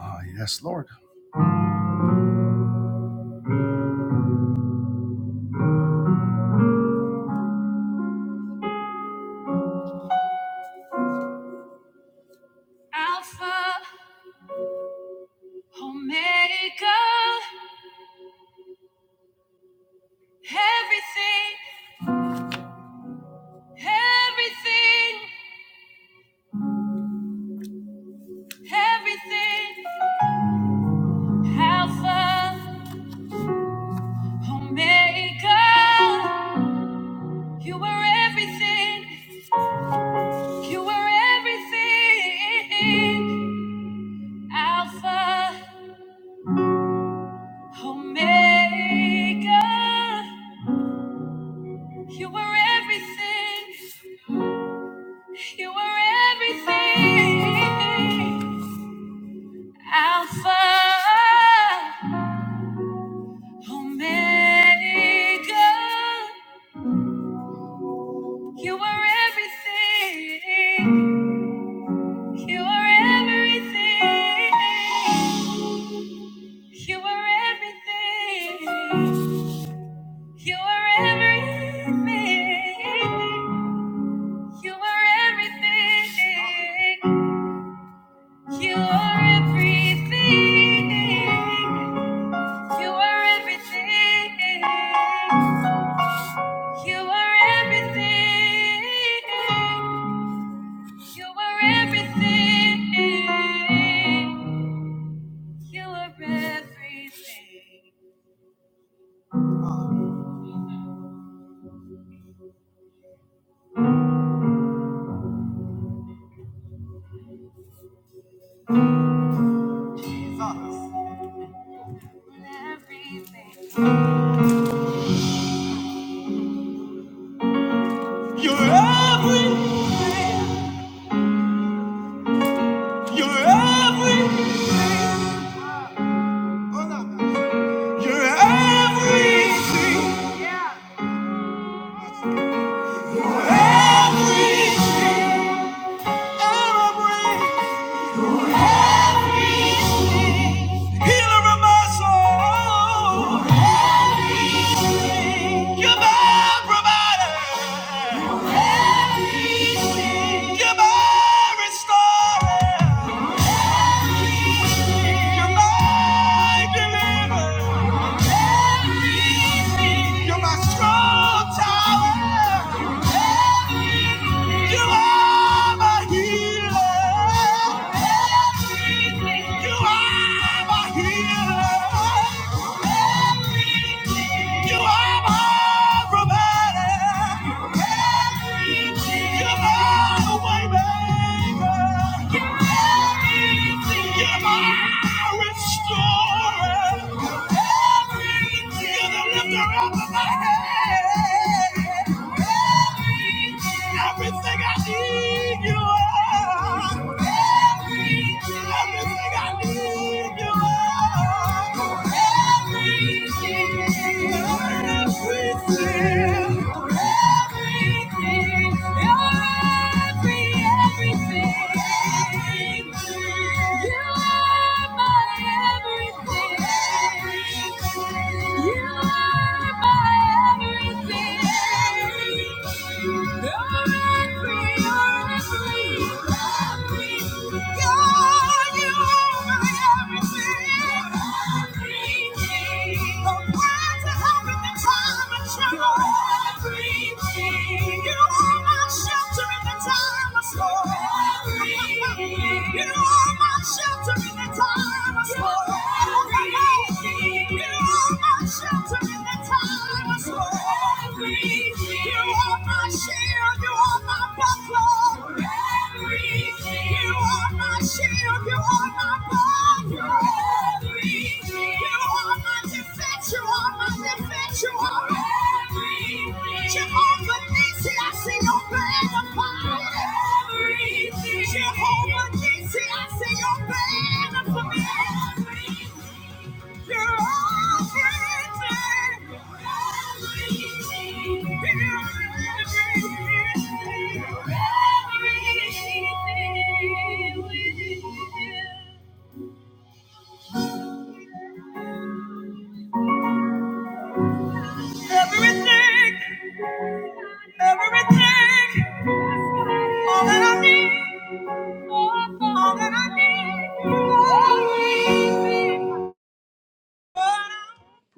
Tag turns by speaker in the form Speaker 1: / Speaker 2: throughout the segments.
Speaker 1: Ah, yes, Lord. Alpha, Omega, everything, everything, everything. Alpha, Omega, you were everything, you were everything. Alpha, Omega, you were everything, you were everything. Alpha, Omega, you are everything. You are everything. You are everything. You are everything. You are everything. You are everything. You are everything. You are everything. You are everything. You are everything. Everything. You're everything. You're everything. You're everything. Everything. Everything. Healer of my soul. You're my provider. You're my restorer. You're my deliverer. Everything. You're my strong tower. Everything. You are my healer. Everything. You are my healer. You are my provider. Everything. You're my way maker. You're everything. You're my restorer. You're everything. You're the lifter of my head. Everything. Everything I need, you are. Everything I need, you are. Everything. Everything. Everything. You are my everything. You are my everything. You are my shelter in the time of storm. You are my shelter in the time of storm. You are my shield, you are my buckler. You are my shield, you are my buckler. You are my defense, you are my defense, you are Jehovah Nissi, I see your banner fire. Jehovah Nissi, I see your banner for me.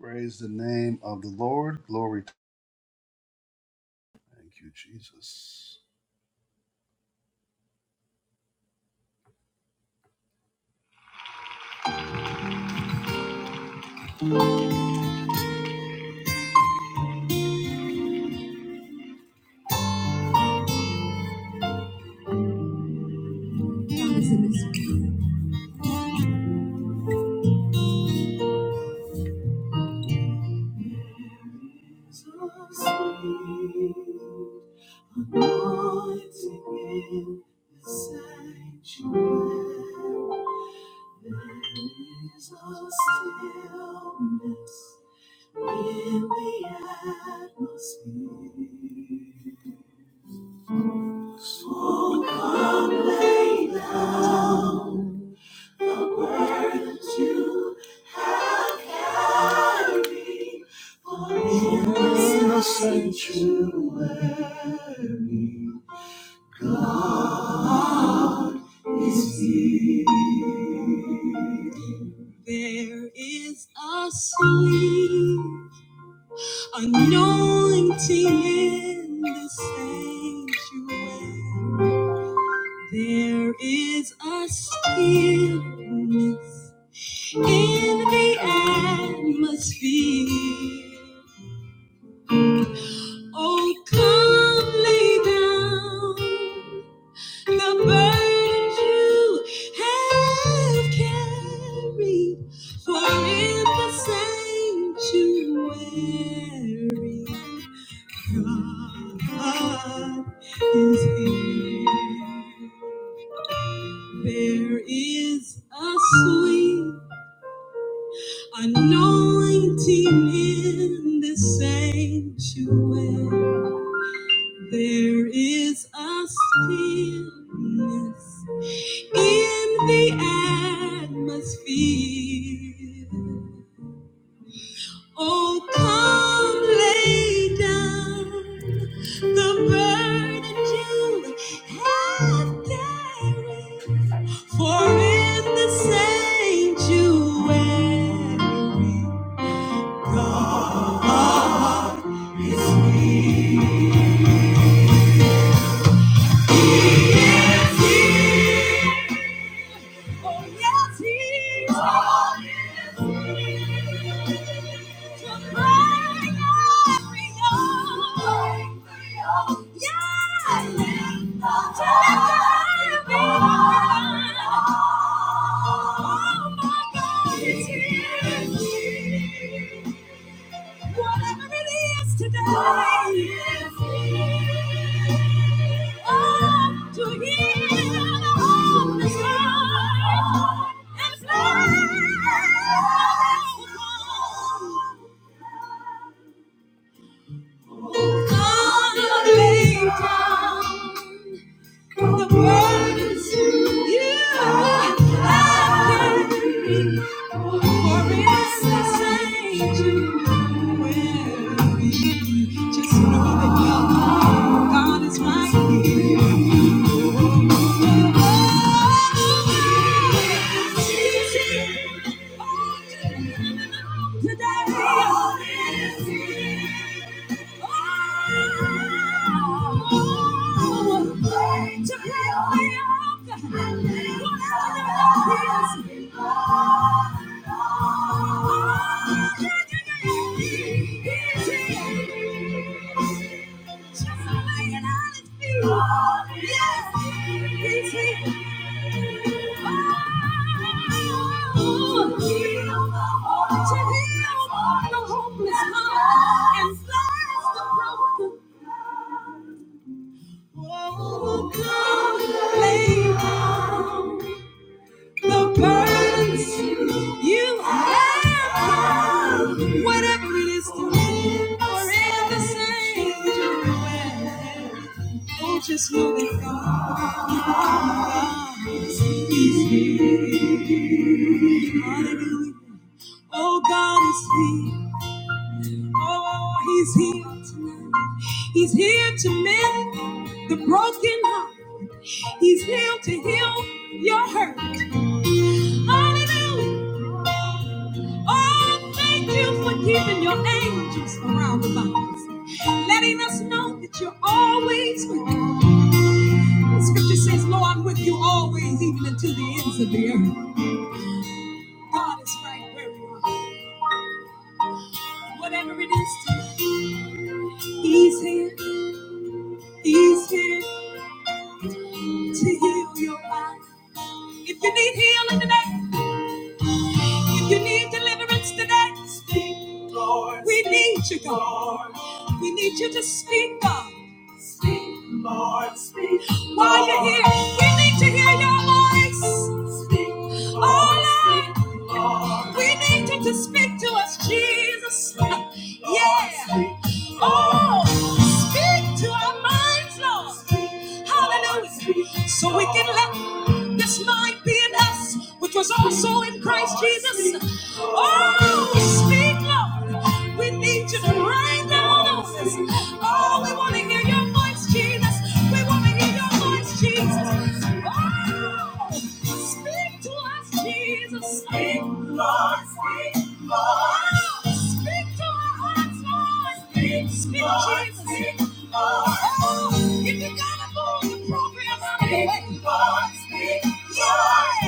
Speaker 1: Praise the name of the Lord. Glory to Thank you, Jesus. Jesus, we might in the sanctuary. There's a softness in the atmosphere. that You have carried in the sanctuary. There is a sweet anointing in the sanctuary. There is a stillness in the atmosphere. Oh, come lay down the burdens you have carried, for in the sanctuary, God is here. There is a sweet Anointing in the sanctuary, there is a stillness in the atmosphere. Oh, come lay down the burden you have carried, for in the sanctuary. God Oh, my Yeah. Whatever it is today, oh, yes, oh, to heal all this hurt and flesh. God, leave town. The burdens you have carried, for it's the same you Just know that God is right here. Today, Hopeless heart and bless the broken. Lay down the burdens you have, whatever it is to live or in the sanctuary. Oh, just know that God is here. Hallelujah. Oh, God is here. Oh, He's here tonight. He's here to mend the broken heart. He's here to heal your hurt. Hallelujah. Oh, thank you for keeping your angels around about us, letting us know that you're always with us. The scripture says, Lo, I'm with you always, even unto the ends of the earth. God is right where you are. Whatever it is to you, He's here. He's here to heal your life. If you need healing today, If you need deliverance today, speak, Lord. We need you, God. We need you to speak, God. Speak, Lord. Speak, While you're here, we need to hear your voice. Speak, Lord. Oh, Lord. Speak, Lord. We need you to speak to us, Jesus. Speak, Lord. Yeah. Speak, Lord. Oh, speak to our minds, Lord. Speak, Hallelujah. So we can let this mind be in us, which was also in Christ Jesus. Oh, speak, Lord. We need you to rain down on us. Oh, we want to hear your voice, Jesus. We want to hear your voice, Jesus. Oh, speak to us, Jesus. Speak, Lord. Speak, Lord. Oh, speak to our hearts, Lord. Speak, Lord, Jesus. Speak for. If you gotta go to the program, I'm waiting for it. Yeah.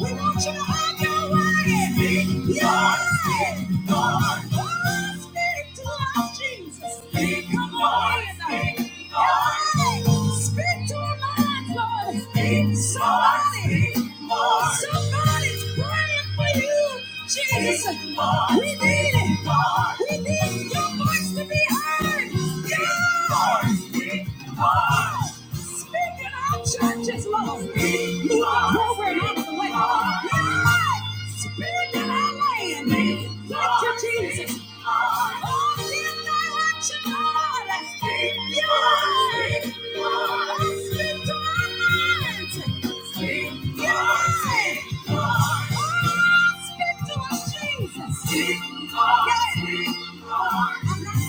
Speaker 1: We want you to have your way. Speak, Lord. Speak, Lord. Oh, speak to us, Jesus. Speak, Lord. Lord, speak to our minds, Lord. Speak, Somebody, Lord. somebody's praying for you, Jesus. Speak, Lord. We need it. Lord. We need your voice to be heard. Yeah. Speak, Lord. Speak in our churches, Lord. Speak, Move our program out of the way. Yeah. Speak in our land. Thank you, Jesus. Oh, in thy action, Lord. Jesus. Speak, Lord, yeah. speak, Lord. I'm not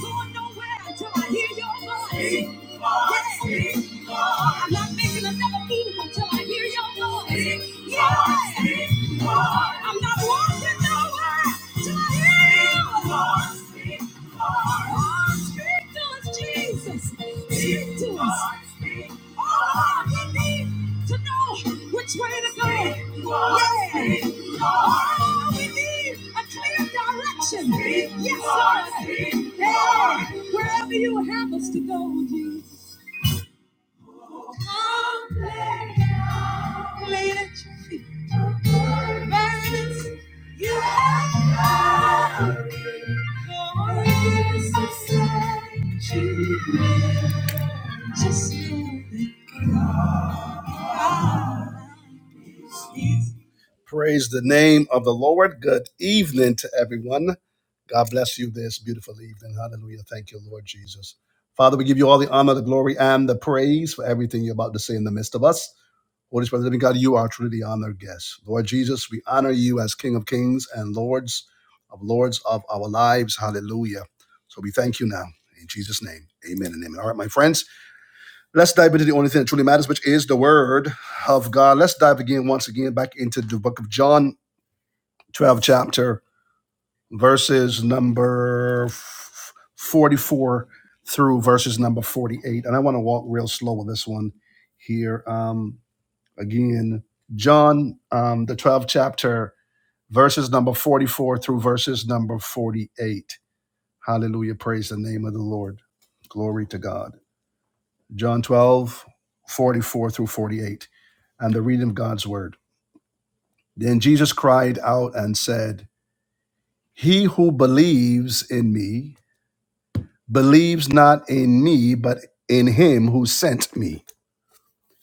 Speaker 1: going nowhere until I hear your voice. Lord, yeah. speak, Lord. I'm not making another move until I hear your voice. yeah. Lord, speak, Lord. I'm not walking nowhere till I hear you. Speak to us, Jesus. Speak to us. Oh, we need to know which way to go. Yeah. Oh, we need a clear direction. Yes, Lord. Yeah. Wherever you have us to go, Jesus. Lay it at your feet. Merchants, you have come. Glorious is sanctuary. Just know that God is Praise the name of the Lord. Good evening to everyone. God bless you this beautiful evening. Hallelujah. Thank you, Lord Jesus. Father, we give you all the honor, the glory, and the praise for everything you're about to say in the midst of us. Holy Spirit, of the living God, you are truly the honored guest. Lord Jesus, we honor you as King of Kings and Lords of Lords of our lives. Hallelujah. So we thank you now. In Jesus' name, amen and amen. All right, my friends, let's dive into the only thing that truly matters, which is the Word of God. Let's dive again, once again, back into the book of John 12th chapter, verses number 44 through verses number 48. And I want to walk real slow with this one here. Um, again, John, um, the 12th chapter, verses number 44 through verses number 48. Hallelujah. Praise the name of the Lord. Glory to God. John 12 44 through 48, and the reading of God's word. Then Jesus cried out and said, He who believes in me, believes not in me, but in him who sent me.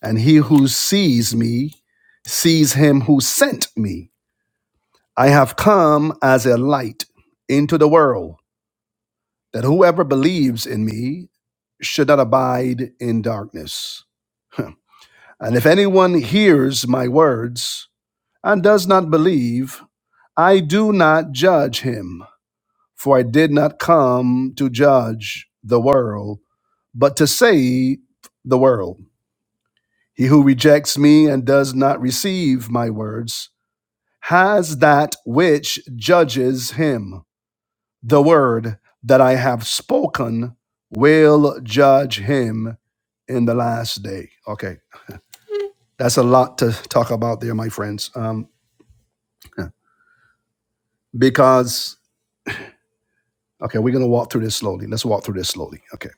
Speaker 1: And he who sees me sees him who sent me. I have come as a light into the world, that whoever believes in me should not abide in darkness. And if anyone hears my words and does not believe, I do not judge him, for I did not come to judge the world, but to save the world. He who rejects me and does not receive my words has that which judges him. The word that I have spoken will judge him in the last day. Okay, that's a lot to talk about there, my friends. Um, yeah, because okay, we're gonna walk through this slowly. Let's walk through this slowly. Okay.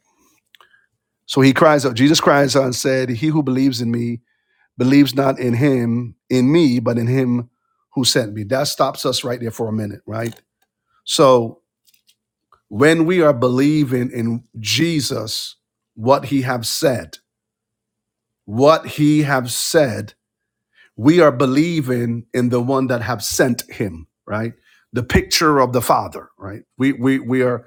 Speaker 1: So he cries out. Jesus cries out and said, "He who believes in me believes not in him, in me, but in him who sent me." That stops us right there for a minute, right? So when we are believing in Jesus, what he have said, what he have said, we are believing in the one that have sent him, right? The picture of the Father, right? We we we are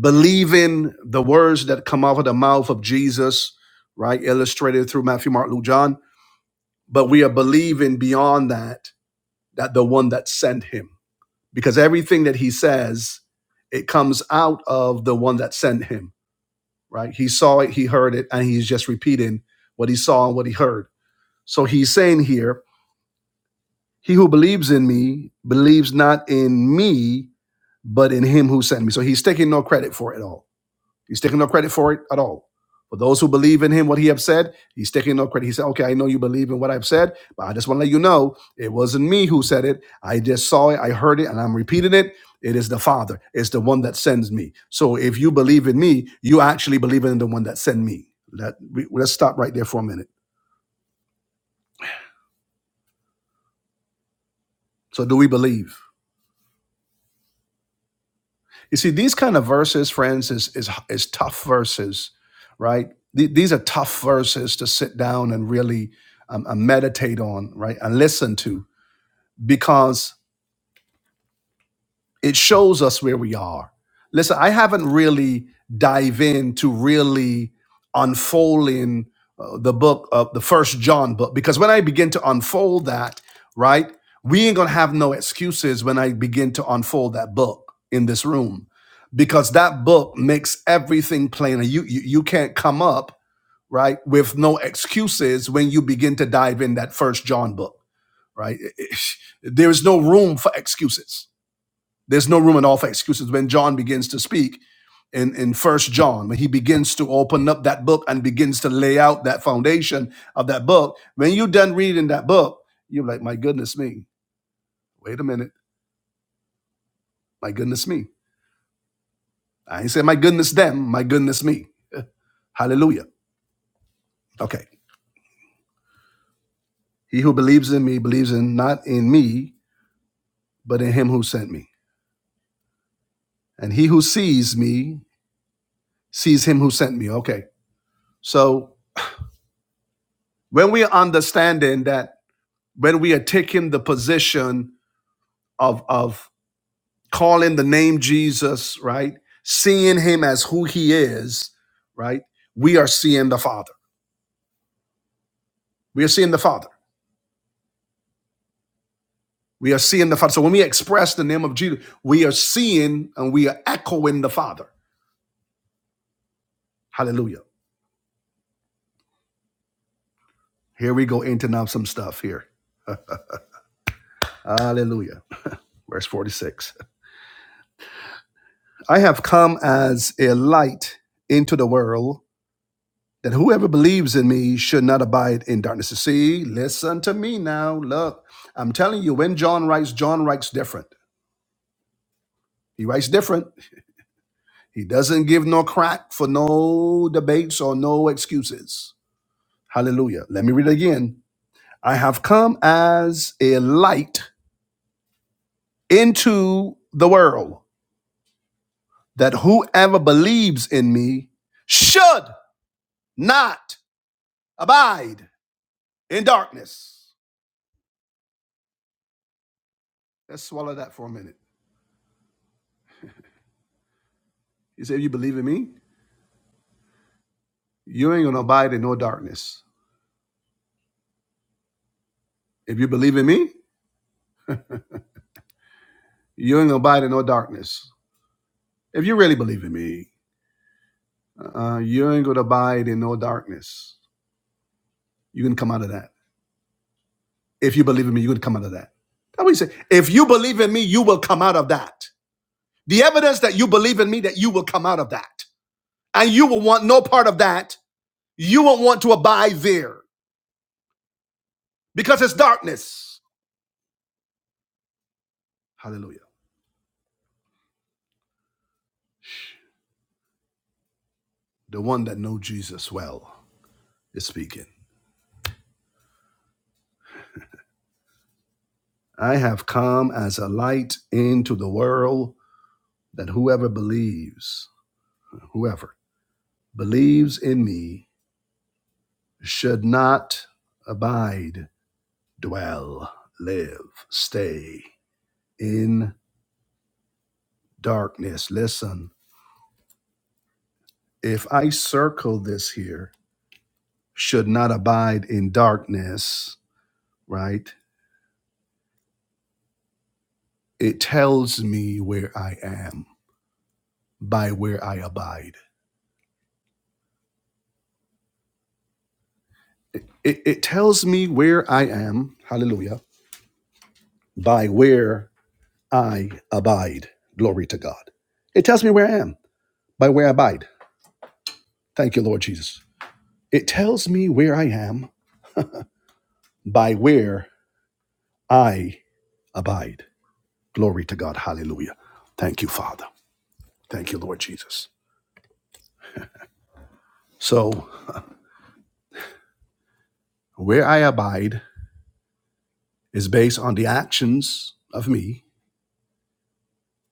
Speaker 1: believing the words that come out of the mouth of Jesus, right? Illustrated through Matthew, Mark, Luke, John, but we are believing beyond that that the one that sent him because everything that he says it comes out of the one that sent him right? He saw it, he heard it, and he's just repeating what he saw and what he heard. So he's saying here, he who believes in me believes not in me, but in him who sent me. So he's taking no credit for it all. He's taking no credit for it at all. For those who believe in him, what he have said, he's taking no credit. He said, Okay, I know you believe in what I've said, but I just want to let you know it wasn't me who said it. I just saw it, I heard it, and I'm repeating it. It is the Father, it's the one that sends me. So if you believe in me, you actually believe in the one that sent me. That we, let's stop right there for a minute. So do we believe? You see, these kind of verses, friends, is is is tough verses, right? Th- these are tough verses to sit down and really um, uh, meditate on, right, and listen to, because it shows us where we are. Listen, I haven't really dive into really unfolding uh, the book of the first John book because when I begin to unfold that, right, we ain't gonna have no excuses when I begin to unfold that book in this room because that book makes everything plainer. You you, you can't come up right with no excuses when you begin to dive in that first John book, right? There is no room for excuses there's no room at all for excuses when John begins to speak in, in First John, when he begins to open up that book and begins to lay out that foundation of that book. When you're done reading that book, you're like, my goodness me. Wait a minute. My goodness me. I ain't say my goodness them, my goodness me. Hallelujah. Okay. He who believes in me believes in not in me, but in him who sent me. And he who sees me sees him who sent me. Okay. So when we are understanding that when we are taking the position of of calling the name Jesus, right? Seeing him as who he is, right? We are seeing the Father. We are seeing the Father. We are seeing the Father. So when we express the name of Jesus, we are seeing and we are echoing the Father. Hallelujah. Here we go into now some stuff here. Hallelujah. Verse 46. I have come as a light into the world that whoever believes in me should not abide in darkness. See, listen to me now. Look, I'm telling you, when John writes, John writes different. He writes different. He doesn't give no crack for no debates or no excuses. Hallelujah. Let me read it again. I have come as a light into the world that whoever believes in me should not abide in darkness. Let's swallow that for a minute. You say, You believe in me? you ain't gonna abide in no darkness. If you believe in me, you ain't gonna abide in no darkness. If you really believe in me, uh, you ain't gonna abide in no darkness. You can come out of that. If you believe in me, you can come out of that. That's what he said. If you believe in me, you will come out of that. The evidence that you believe in me, that you will come out of that. And you will want no part of that. You won't want to abide there because it's darkness. Hallelujah. The one that knows Jesus well is speaking. I have come as a light into the world that whoever believes, whoever believes in me should not abide, dwell, live, stay in darkness. Listen, if I circle this here, should not abide in darkness, right? It tells me where I am by where I abide. It, it it tells me where I am, hallelujah, by where I abide. Glory to God. It tells me where I am by where I abide. Thank you, Lord Jesus. It tells me where I am by where I abide. Glory to God. Hallelujah. Thank you, Father. Thank you, Lord Jesus. So, where I abide is based on the actions of me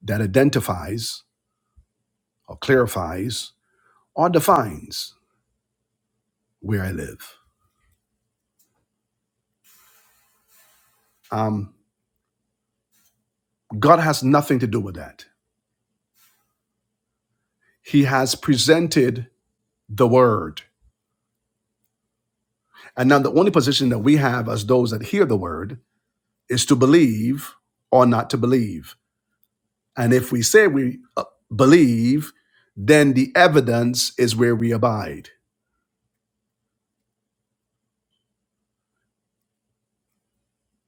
Speaker 1: that identifies or clarifies or defines where I live. Um, God has nothing to do with that. He has presented the word And now the only position that we have as those that hear the word is to believe or not to believe. And if we say we uh, believe, then the evidence is where we abide.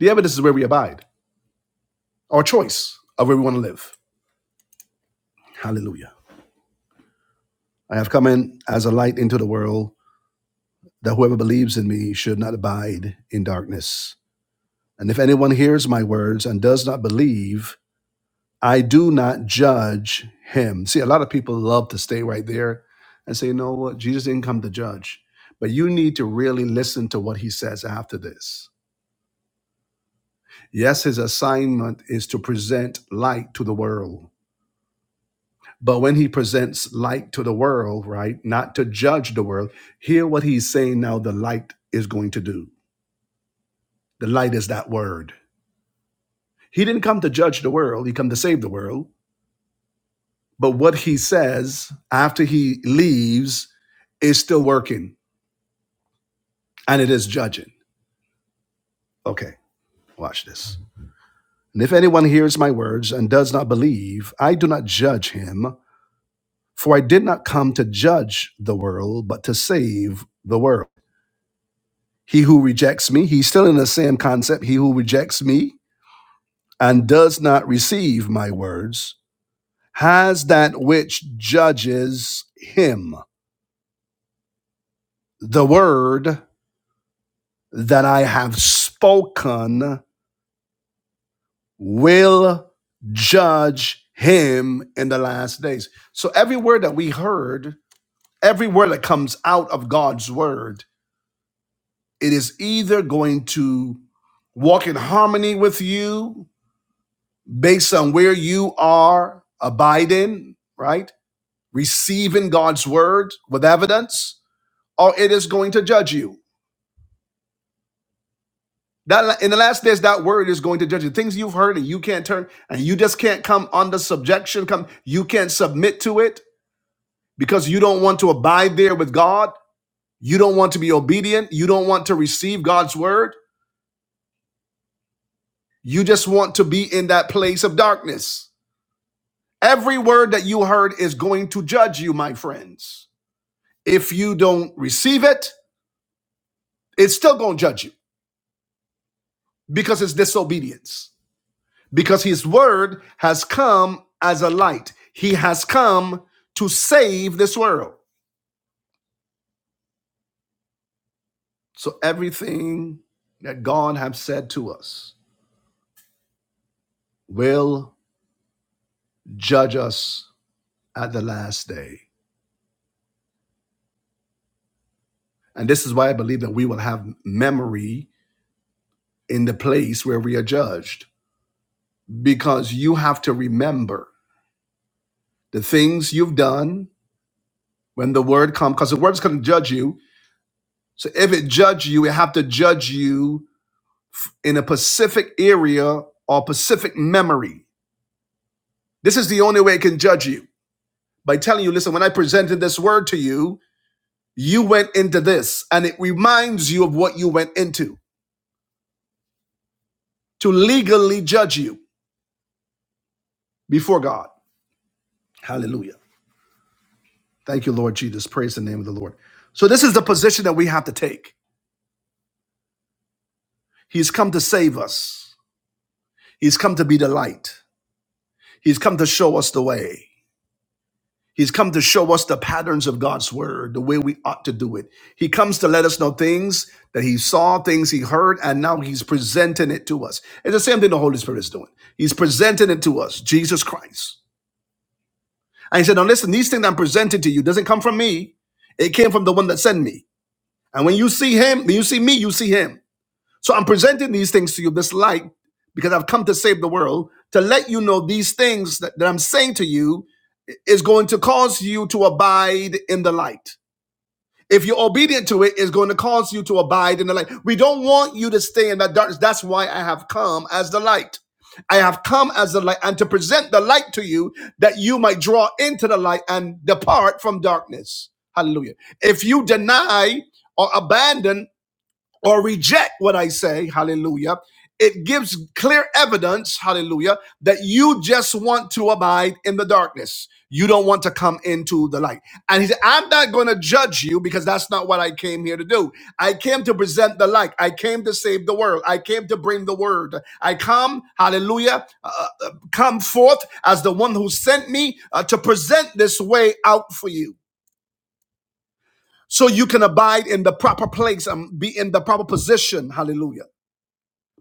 Speaker 1: The evidence is where we abide, our choice of where we want to live. Hallelujah. I have come in as a light into the world that whoever believes in me should not abide in darkness. And if anyone hears my words and does not believe, I do not judge him. See, a lot of people love to stay right there and say, you know what, Jesus didn't come to judge. But you need to really listen to what he says after this. Yes, his assignment is to present light to the world. But when he presents light to the world, right, not to judge the world, hear what he's saying now the light is going to do. The light is that word. He didn't come to judge the world, he came to save the world. But what he says after he leaves is still working and it is judging. Okay, watch this. And if anyone hears my words and does not believe, I do not judge him, for I did not come to judge the world, but to save the world. He who rejects me, he's still in the same concept. He who rejects me and does not receive my words has that which judges him. The word that I have spoken will judge him in the last days. So every word that we heard, every word that comes out of God's word, it is either going to walk in harmony with you based on where you are abiding, right? Receiving God's word with evidence, or it is going to judge you. That in the last days, that word is going to judge you. Things you've heard and you can't turn, and you just can't come under subjection. Come, you can't submit to it because you don't want to abide there with God. You don't want to be obedient. You don't want to receive God's word. You just want to be in that place of darkness. Every word that you heard is going to judge you, my friends. If you don't receive it, it's still going to judge you because it's disobedience. Because his word has come as a light, he has come to save this world. So everything that God has said to us will judge us at the last day. And this is why I believe that we will have memory in the place where we are judged because you have to remember the things you've done when the word comes, because the word's going to judge you. So if it judge you, it have to judge you in a specific area or specific memory. This is the only way it can judge you by telling you, listen, when I presented this word to you, you went into this, and it reminds you of what you went into to legally judge you before God. Hallelujah. Thank you, Lord Jesus. Praise the name of the Lord. So, this is the position that we have to take. He's come to save us, He's come to be the light, He's come to show us the way. He's come to show us the patterns of God's word, the way we ought to do it. He comes to let us know things that he saw, things he heard, and now he's presenting it to us. It's the same thing the Holy Spirit is doing. He's presenting it to us, Jesus Christ. And he said, Now listen, these things I'm presenting to you doesn't come from me. It came from the one that sent me. And when you see him, when you see me, you see him. So I'm presenting these things to you, this light, because I've come to save the world, to let you know these things that, that I'm saying to you is going to cause you to abide in the light. If you're obedient to it, it's going to cause you to abide in the light. We don't want you to stay in that darkness. That's why I have come as the light. I have come as the light and to present the light to you that you might draw into the light and depart from darkness. Hallelujah. If you deny or abandon or reject what I say, hallelujah, it gives clear evidence, hallelujah, that you just want to abide in the darkness. You don't want to come into the light. And he said, I'm not going to judge you because that's not what I came here to do. I came to present the light. I came to save the world. I came to bring the word. I come, hallelujah, uh, uh, uh, come forth as the one who sent me uh, to present this way out for you so you can abide in the proper place and be in the proper position. Hallelujah.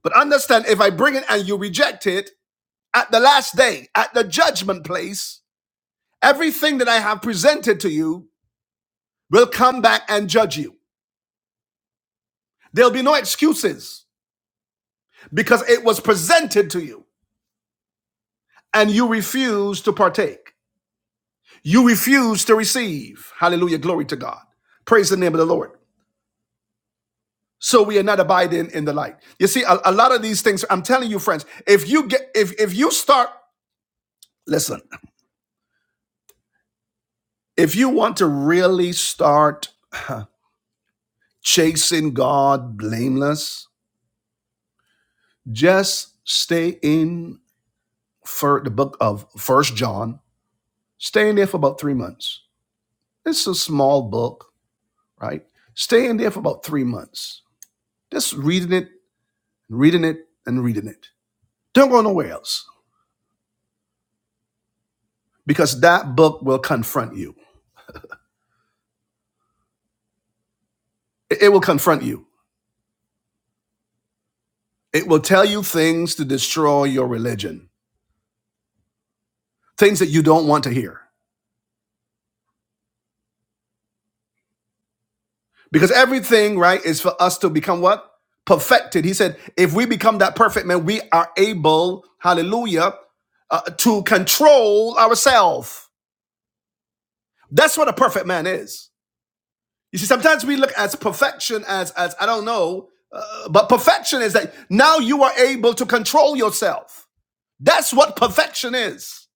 Speaker 1: But understand if I bring it and you reject it, at the last day, at the judgment place, everything that I have presented to you will come back and judge you. There'll be no excuses because it was presented to you and you refuse to partake. You refuse to receive. Hallelujah. Glory to God. Praise the name of the Lord. So we are not abiding in the light. You see, a, a lot of these things, I'm telling you, friends, if you get if if you start, listen, if you want to really start chasing God blameless. Just stay in for the book of First John. Stay in there for about three months. It's a small book, right? Stay in there for about three months. Just reading it, reading it, and reading it. Don't go nowhere else because that book will confront you. It will confront you. It will tell you things to destroy your religion, things that you don't want to hear. Because everything, right, is for us to become what? Perfected. He said, if we become that perfect man, we are able, hallelujah, uh, to control ourselves. That's what a perfect man is. You see, sometimes we look at perfection as, as I don't know, uh, but perfection is that now you are able to control yourself. That's what perfection is.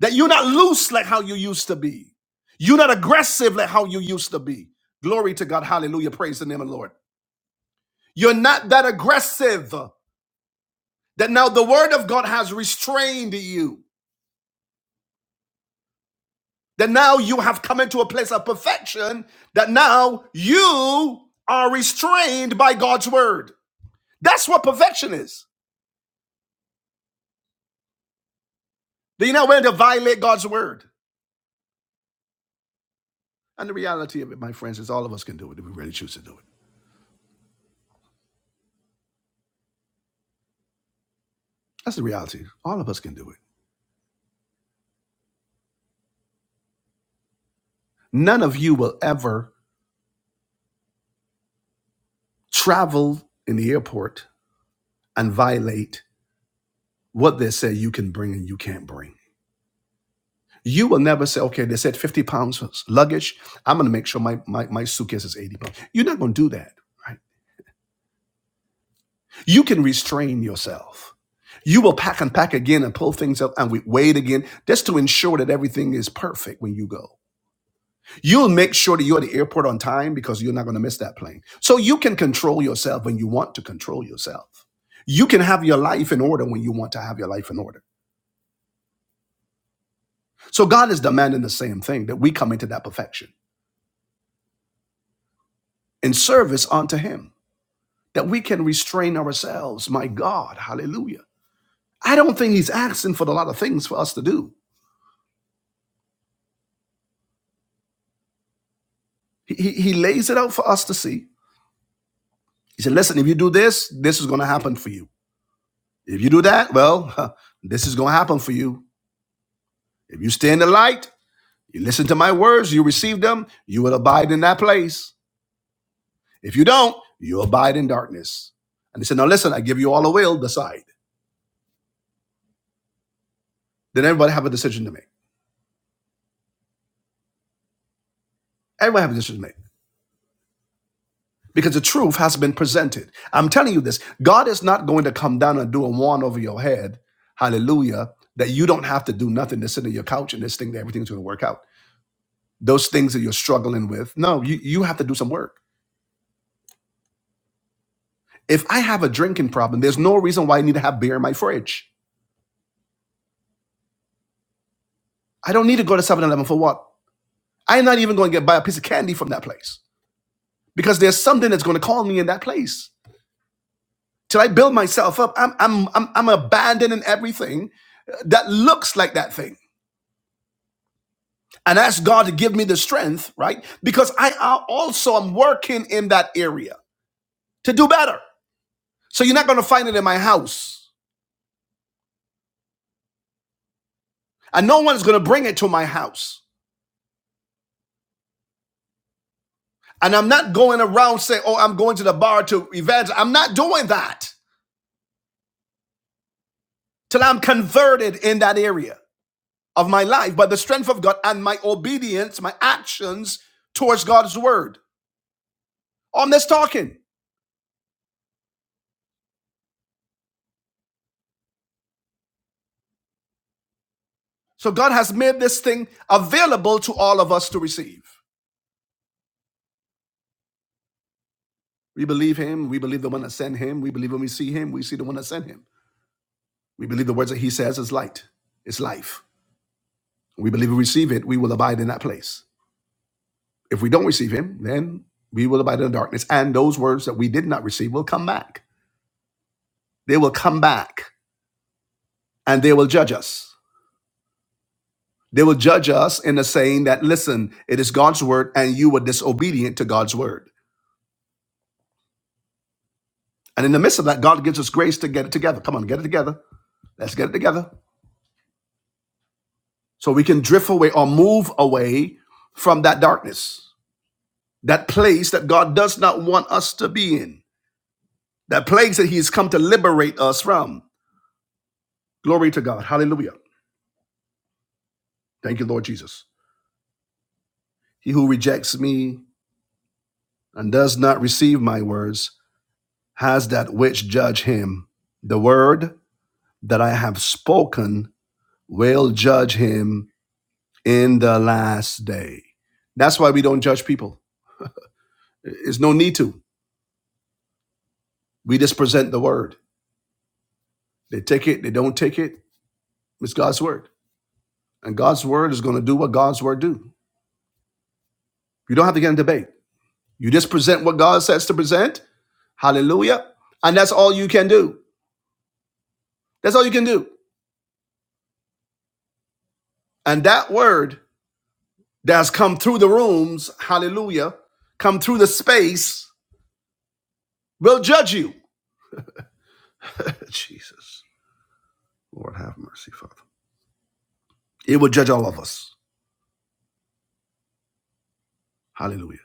Speaker 1: That you're not loose like how you used to be. You're not aggressive like how you used to be. Glory to God. Hallelujah. Praise the name of the Lord. You're not that aggressive that now the word of God has restrained you. That now you have come into a place of perfection, that now you are restrained by God's word. That's what perfection is. That you're not willing to violate God's word. And the reality of it, my friends, is all of us can do it if we really choose to do it. That's the reality. All of us can do it. None of you will ever travel in the airport and violate what they say you can bring and you can't bring. You will never say, okay, they said 50 pounds luggage. I'm going to make sure my, my, my suitcase is 80 pounds. You're not going to do that, right? You can restrain yourself. You will pack and pack again and pull things up and we wait again just to ensure that everything is perfect when you go. You'll make sure that you're at the airport on time because you're not going to miss that plane. So you can control yourself when you want to control yourself. You can have your life in order when you want to have your life in order. So God is demanding the same thing that we come into that perfection in service unto Him. that we can restrain ourselves. My God, hallelujah. I don't think he's asking for a lot of things for us to do. He, he, he lays it out for us to see. He said, listen, if you do this, this is going to happen for you. If you do that, well, this is going to happen for you. If you stay in the light, you listen to my words, you receive them, you will abide in that place. If you don't, you abide in darkness. And he said, now listen, I give you all a will, decide. Then everybody have a decision to make. Everybody have a decision to make. because the truth has been presented. I'm telling you this God is not going to come down and do a wand over your head, hallelujah, that you don't have to do nothing to sit on your couch and just think that everything's going to work out. Those things that you're struggling with, no, you, you have to do some work. If I have a drinking problem, there's no reason why I need to have beer in my fridge. I don't need to go to Seven Eleven for what? I'm not even going to get buy a piece of candy from that place because there's something that's going to call me in that place. Till I build myself up, I'm, I'm, I'm, I'm abandoning everything that looks like that thing and ask God to give me the strength, right? Because I also am working in that area to do better. So you're not going to find it in my house, and no one's going to bring it to my house. And I'm not going around saying, "Oh, I'm going to the bar to evangelize." I'm not doing that till I'm converted in that area of my life by the strength of God and my obedience, my actions towards God's word. On this talking, so God has made this thing available to all of us to receive. We believe him. We believe the one that sent him. We believe when we see him, we see the one that sent him. We believe the words that he says is light, is life. We believe we receive it, we will abide in that place. If we don't receive him, then we will abide in the darkness. And those words that we did not receive will come back. They will come back and they will judge us. They will judge us in the saying that, listen, it is God's word and you were disobedient to God's word. And in the midst of that, God gives us grace to get it together. Come on, get it together. Let's get it together. So we can drift away or move away from that darkness, that place that God does not want us to be in, that place that He has come to liberate us from. Glory to God. Hallelujah. Thank you, Lord Jesus. He who rejects me and does not receive my words has that which judge him. The word that I have spoken will judge him in the last day. That's why we don't judge people. There's no need to. We just present the word. They take it, they don't take it. It's God's word. And God's word is going to do what God's word do. You don't have to get in debate. You just present what God says to present. Hallelujah. And that's all you can do. That's all you can do. And that word that has come through the rooms, hallelujah, come through the space, will judge you. Jesus. Lord have mercy, Father. It will judge all of us. Hallelujah.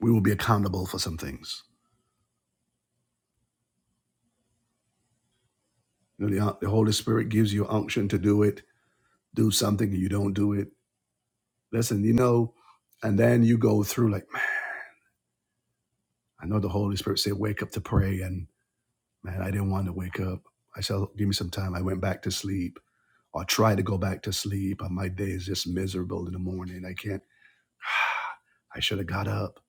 Speaker 1: We will be accountable for some things. You know, the, the Holy Spirit gives you unction to do it, do something, and you don't do it Listen, you know, and then you go through like, man, I know the Holy Spirit said, wake up to pray. And man, I didn't want to wake up. I said, give me some time. I went back to sleep or tried to go back to sleep. And my day is just miserable in the morning. I can't, I should have got up.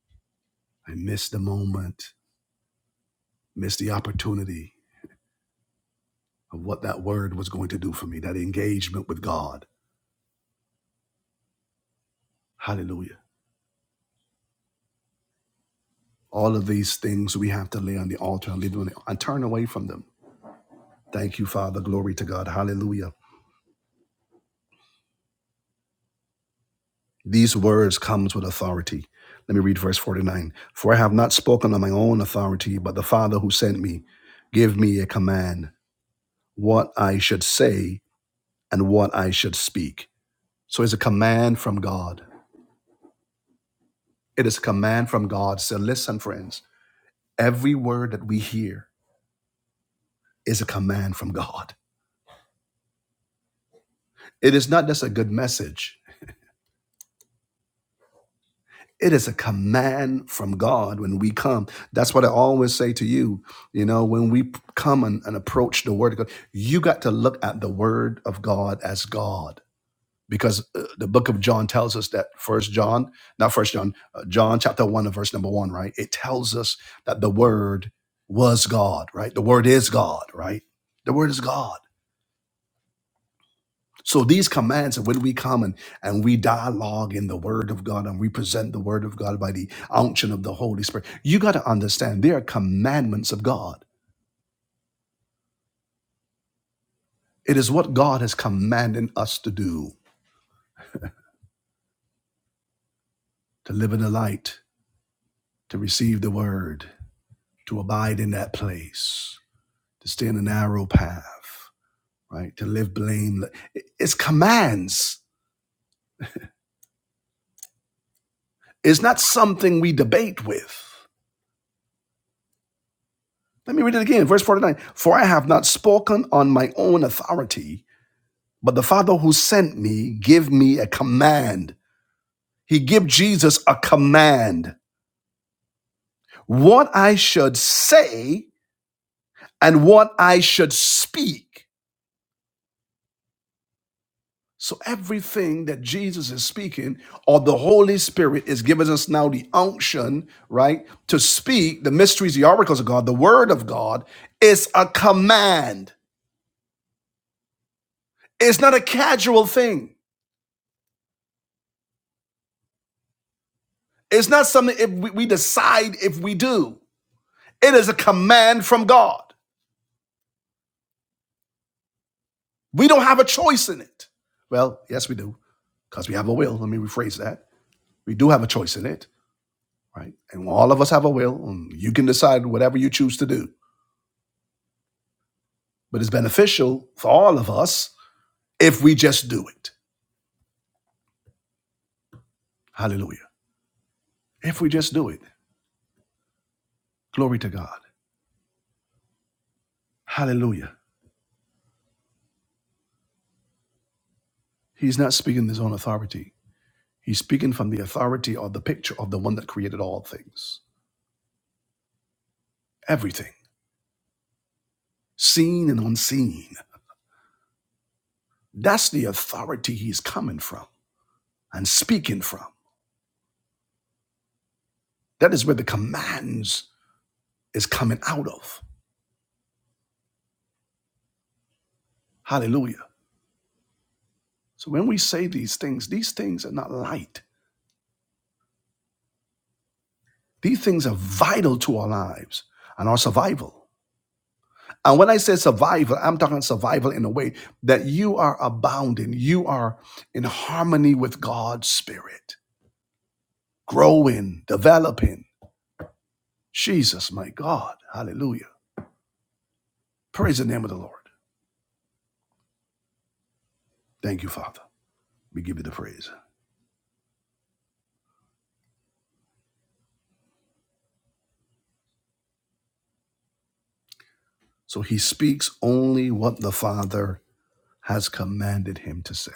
Speaker 1: I missed the moment, missed the opportunity of what that word was going to do for me, that engagement with God. Hallelujah. All of these things we have to lay on the altar and leave them on the, and turn away from them. Thank you, Father. Glory to God. Hallelujah. These words comes with authority. Let me read verse 49. For I have not spoken on my own authority, but the Father who sent me gave me a command what I should say and what I should speak. So it's a command from God. It is a command from God. So listen, friends, every word that we hear is a command from God. It is not just a good message. It is a command from God when we come. That's what I always say to you. You know, when we p- come and, and approach the Word of God, you got to look at the Word of God as God. Because uh, the book of John tells us that First John, not First John, uh, John chapter one and verse number one, right? It tells us that the Word was God, right? The Word is God, right? The Word is God. So these commands, and when we come and, and we dialogue in the Word of God and we present the Word of God by the unction of the Holy Spirit, you got to understand they are commandments of God. It is what God has commanded us to do to live in the light, to receive the Word, to abide in that place, to stay in the narrow path, right? To live blameless. It's commands, it's not something we debate with. Let me read it again, verse 49. For I have not spoken on my own authority But the Father who sent me gave me a command. He gave Jesus a command what I should say and what I should speak. So everything that Jesus is speaking or the Holy Spirit is giving us now the unction, right, to speak the mysteries, the oracles of God, the word of God is a command. It's not a casual thing. It's not something if we we decide if we do. It is a command from God. We don't have a choice in it. Well, yes, we do, because we have a will. Let me rephrase that. We do have a choice in it, right? And all of us have a will. You can decide whatever you choose to do, but it's beneficial for all of us if we just do it. Hallelujah. If we just do it. Glory to God. Hallelujah. He's not speaking his own authority. He's speaking from the authority or the picture of the one that created all things, everything, seen and unseen. That's the authority he's coming from and speaking from. That is where the commands is coming out of. Hallelujah. So when we say these things, these things are not light. These things are vital to our lives and our survival. And when I say survival, I'm talking survival in a way that you are abounding, you are in harmony with God's spirit, growing, developing. Jesus, my God. Hallelujah. Praise the name of the Lord. Thank you, Father. We give you the praise. So he speaks only what the Father has commanded him to say.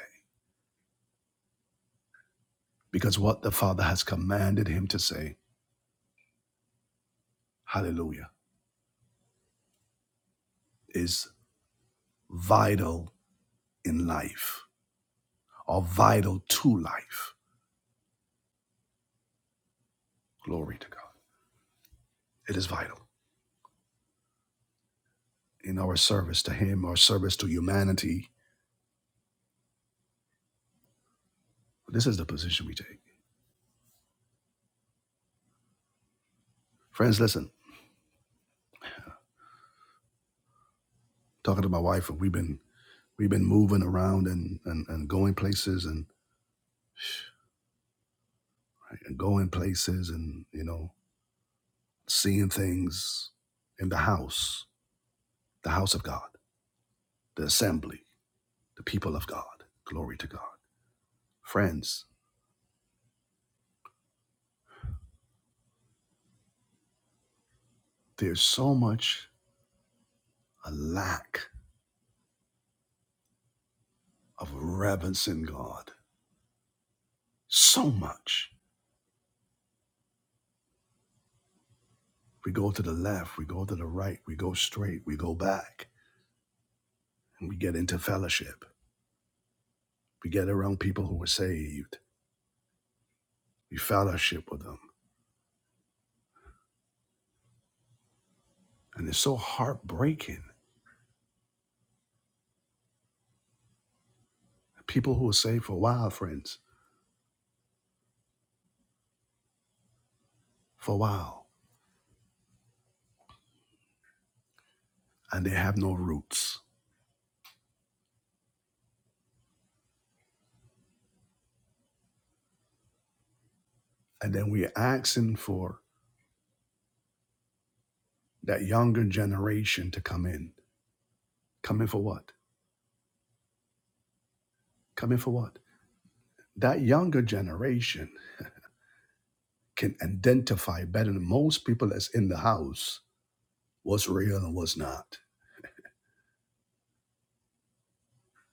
Speaker 1: Because what the Father has commanded him to say, hallelujah, is vital in life or vital to life. Glory to God. It is vital in our service to him, our service to humanity. This is the position we take. Friends, listen, talking to my wife, and we've been we've been moving around and and, and going places and, right, and going places and you know, seeing things in the house, the house of God, the assembly. the people of God. Glory to God. Friends, there's so much a lack of reverence in God. So much. We go to the left, we go to the right, we go straight, we go back, and we get into fellowship. We get around people who are saved, we fellowship with them. And it's so heartbreaking. People who are saved for a while, friends, for a while, and they have no roots. And then we're asking for that younger generation to come in. Come in for what? Come in for what? that younger generation can identify better than most people that's in the house what's real and what's not.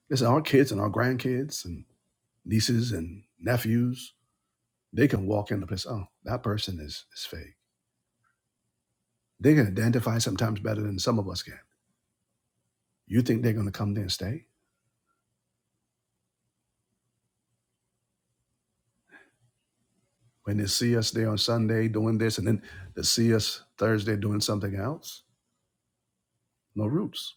Speaker 1: Listen, our kids and our grandkids and nieces and nephews, they can walk in the place, oh, that person is, is fake. They can identify sometimes better than some of us can. You think they're going to come there and stay? When they see us there on Sunday doing this and then they see us Thursday doing something else? No roots.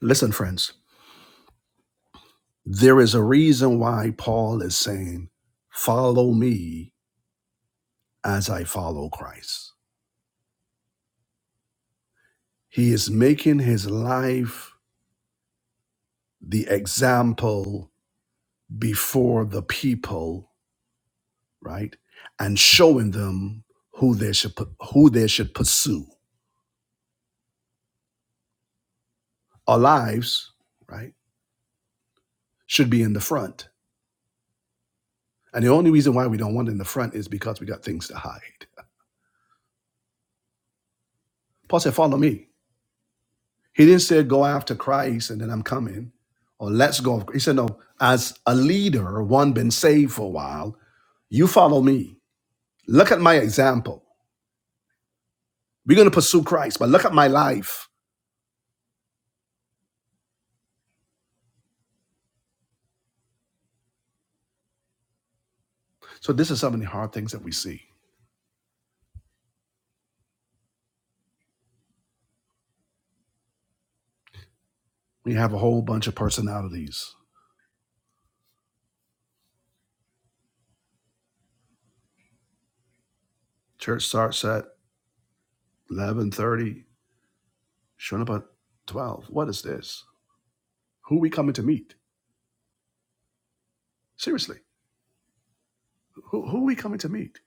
Speaker 1: Listen, friends, there is a reason why Paul is saying, follow me as I follow Christ. He is making his life the example before the people, right? And showing them who they should pu- who they should pursue. Our lives, right, should be in the front. And the only reason why we don't want it in the front is because we got things to hide. Paul said, "Follow me." He didn't say go after Christ and then I'm coming, or let's go. He said, "No, as a leader, one been saved for a while, you follow me." Look at my example. We're going to pursue Christ, but look at my life. So this is some of the hard things that we see. We have a whole bunch of personalities. Church starts at 11:30, showing up at 12. What is this? Who we coming to meet? Seriously, who, who are we coming to meet?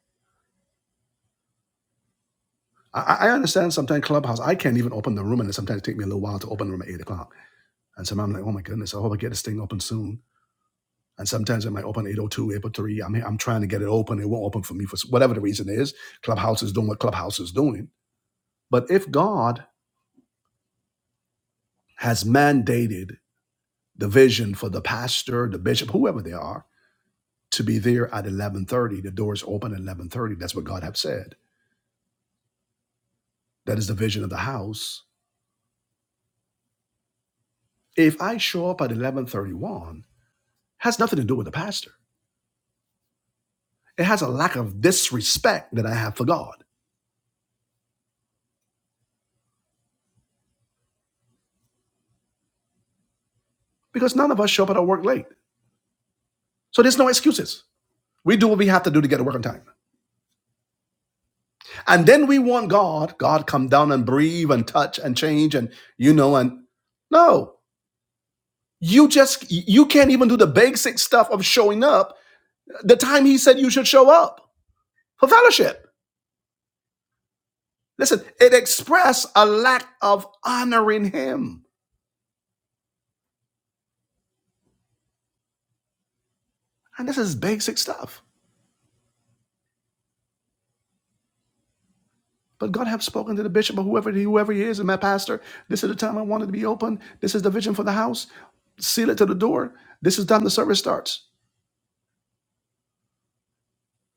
Speaker 1: I, I understand sometimes Clubhouse, I can't even open the room, and it sometimes take me a little while to open the room at 8 o'clock. And sometimes I'm like, oh my goodness, I hope I get this thing open soon. And sometimes I might open eight oh two, eight oh three. I'm, I'm trying to get it open. It won't open for me for whatever the reason is. Clubhouse is doing what Clubhouse is doing. But if God has mandated the vision for the pastor, the bishop, whoever they are, to be there at 1130, the doors open at 1130. That's what God have said. That is the vision of the house. If I show up at 1131, has nothing to do with the pastor. It has a lack of disrespect that I have for God because none of us show up at our work late. So there's no excuses. We do what we have to do to get to work on time. And then we want God, God come down and breathe and touch and change and you know and no. You just you can't even do the basic stuff of showing up the time he said you should show up for fellowship. Listen, it expressed a lack of honoring him. And this is basic stuff. But God have spoken to the bishop or whoever whoever he is and my pastor. This is the time I wanted to be open. This is the vision for the house. Seal it to the door. This is the time the service starts.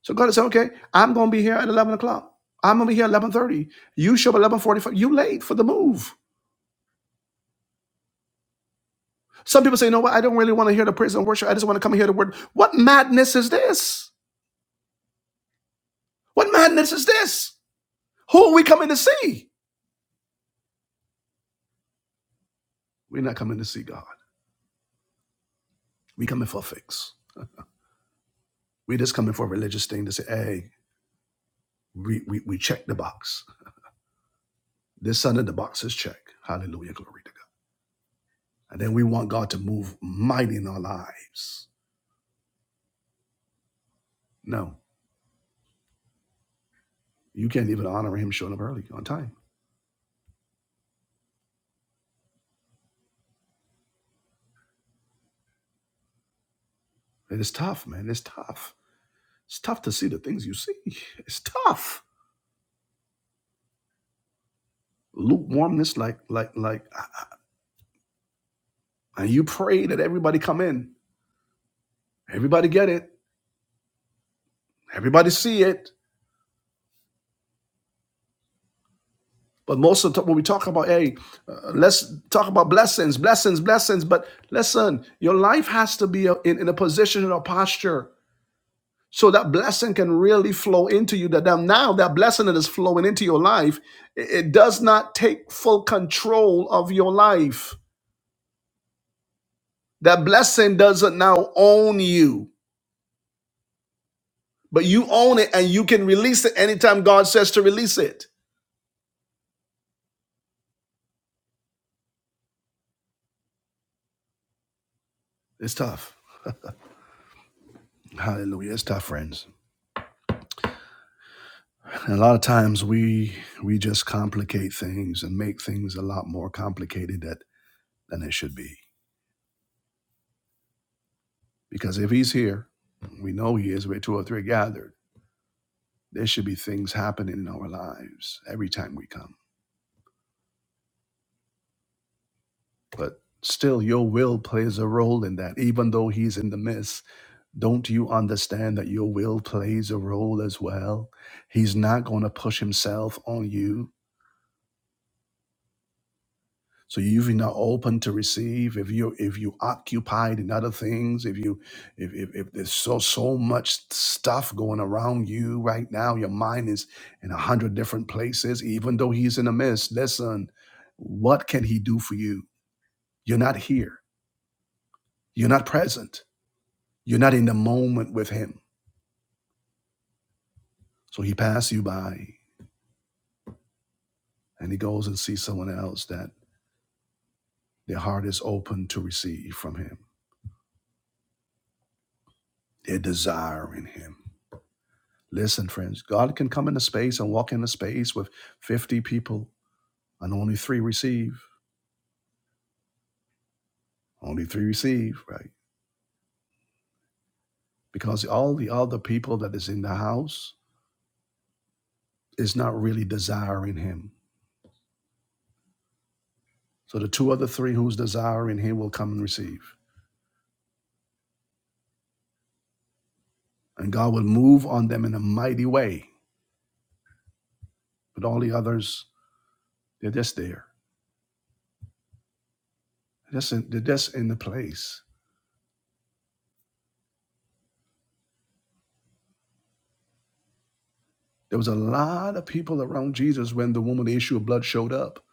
Speaker 1: So God said, okay, I'm going to be here at 11 o'clock. I'm going to be here at 11.30. You show up at 11.45. You late for the move. Some people say, you know what? I don't really want to hear the praise and worship. I just want to come and hear the word. What madness is this? What madness is this? Who are we coming to see? We're not coming to see God. we coming for a fix. we just coming for a religious thing to say, hey, we, we, we check the box. This Sunday, the box is checked. Hallelujah. Glory to God. And then we want God to move mighty in our lives. No, you can't even honor him showing up early on time. And it's tough, man. It's tough. It's tough to see the things you see. It's tough. Lukewarmness, like, like, like, and you pray that everybody come in, everybody get it, everybody see it. But most of the time, when we talk about, hey, uh, let's talk about blessings, blessings, blessings. But listen, your life has to be a- in, in a position and a posture so that blessing can really flow into you. That that now that blessing that is flowing into your life, it it does not take full control of your life That blessing doesn't now own you, but you own it and you can release it anytime God says to release it. It's tough. Hallelujah. It's tough, friends. And a lot of times we we just complicate things and make things a lot more complicated that, than it should be. Because if he's here, we know he is where two or three gathered. There should be things happening in our lives every time we come. But still your will plays a role in that, even though he's in the midst. Don't you understand that your will plays a role as well? He's not going to push himself on you. So if you're not open to receive, if you if you occupied in other things, if you if, if if there's so so much stuff going around you right now, your mind is in a hundred different places, even though he's in the midst. Listen, what can he do for you? You're not here. You're not present. You're not in the moment with him. So he passed you by and he goes and sees someone else that Their heart is open to receive from Him. They're desiring Him. Listen, friends, God can come into space and walk into space with 50 people and only three receive. Only three receive, right? Because all the other people that is in the house is not really desiring Him. So the two other three who's desiring Him will come and receive. And God will move on them in a mighty way. But all the others, they're just there. They're just in, they're just in the place. There was a lot of people around Jesus when the woman with the issue of blood showed up,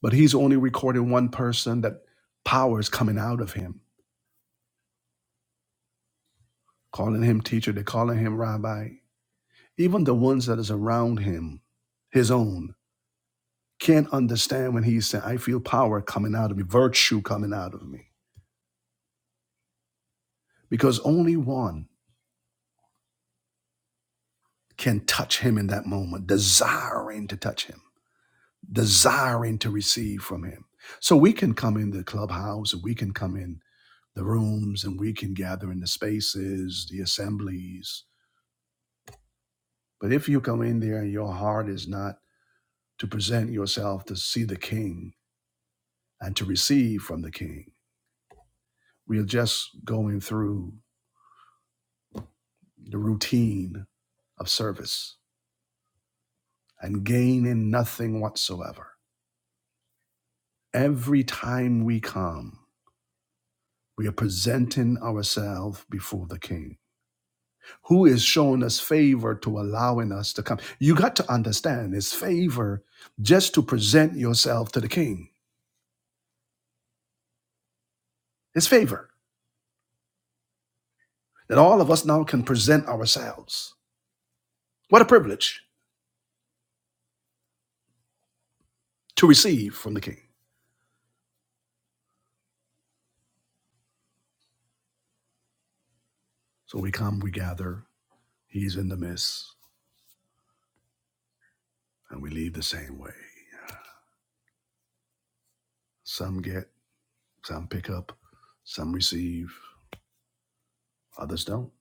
Speaker 1: but he's only recording one person that power is coming out of him, calling him teacher, they're calling him rabbi. Even the ones that is around him, his own, can't understand when he said, I feel power coming out of me, virtue coming out of me. Because only one can touch him in that moment, desiring to touch him, desiring to receive from him. So we can come in the clubhouse, we can come in the rooms and we can gather in the spaces, the assemblies. But if you come in there and your heart is not to present yourself to see the king and to receive from the king, we are just going through the routine of service and gaining nothing whatsoever. Every time we come, we are presenting ourselves before the king who is showing us favor to allowing us to come. You got to understand it's favor just to present yourself to the king. It's favor that all of us now can present ourselves. What a privilege to receive from the king. So we come, we gather, he's in the midst, and we leave the same way. Some get, some pick up, some receive, others don't,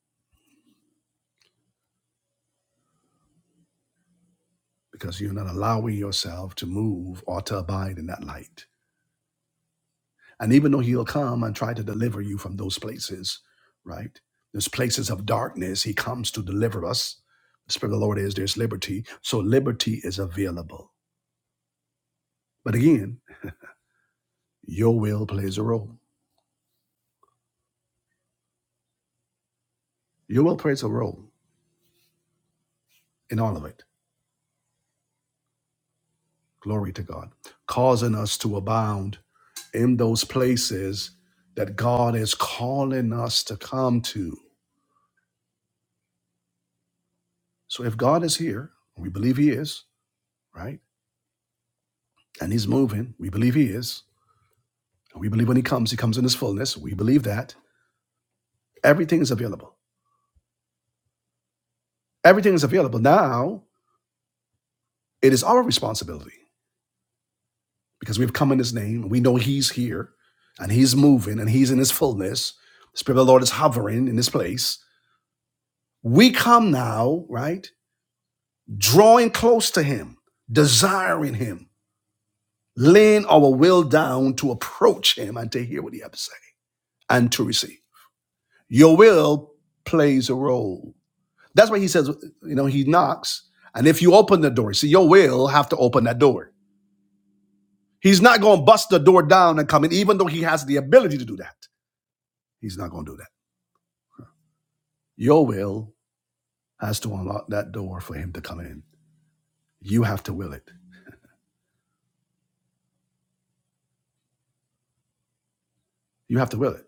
Speaker 1: because you're not allowing yourself to move or to abide in that light. And even though he'll come and try to deliver you from those places, right? Those places of darkness, he comes to deliver us. The Spirit of the Lord is there's liberty. So liberty is available. But again, your will plays a role. Your will plays a role in all of it. Glory to God. Causing us to abound in those places that God is calling us to come to. So if God is here, we believe he is, right? And he's moving, we believe he is We believe when he comes, he comes in his fullness. We believe that. Everything is available. Everything is available. Now, it is our responsibility because we've come in his name. We know he's here and he's moving and he's in his fullness. The Spirit of the Lord is hovering in this place. We come now, right? Drawing close to him, desiring him, laying our will down to approach him and to hear what he has to say and to receive. Your will plays a role That's why he says, you know, he knocks. And if you open the door, see, your will have to open that door. He's not going to bust the door down and come in, even though he has the ability to do that. He's not going to do that. Your will has to unlock that door for him to come in. You have to will it. You have to will it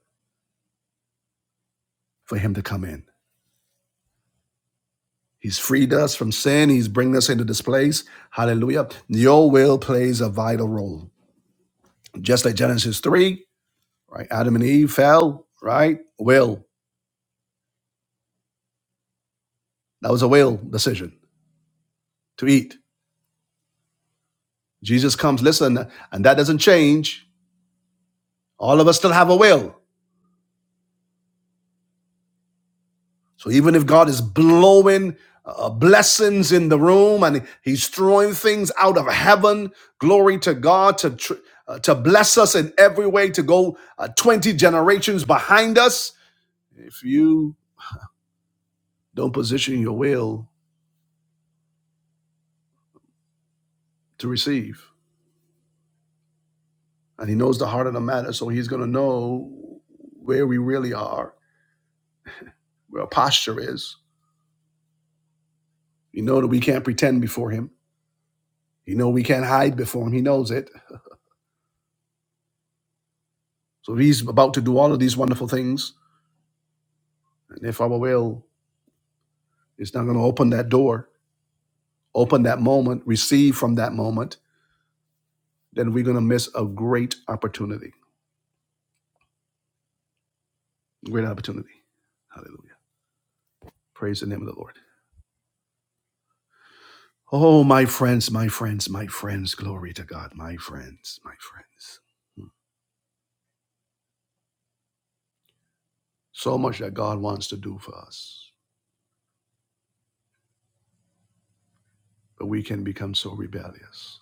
Speaker 1: for him to come in. He's freed us from sin. He's bringing us into this place. Hallelujah. Your will plays a vital role. Just like Genesis 3, right? Adam and Eve fell, right? Will. That was a will decision to eat Jesus comes, listen, and that doesn't change. All of us still have a will. So even if God is blowing uh, blessings in the room and he's throwing things out of heaven, glory to God to tr- uh, to bless us in every way to go uh, 20 generations behind us, if you don't position your will to receive. And he knows the heart of the matter, so he's going to know where we really are, where our posture is. We know that we can't pretend before him. He know we can't hide before him. He knows it. So he's about to do all of these wonderful things. And if our will is not going to open that door, open that moment, receive from that moment, then we're going to miss a great opportunity. Great opportunity. Hallelujah. Praise the name of the Lord. Oh, my friends, my friends, my friends. Glory to God, my friends, my friends. So much that God wants to do for us, but we can become so rebellious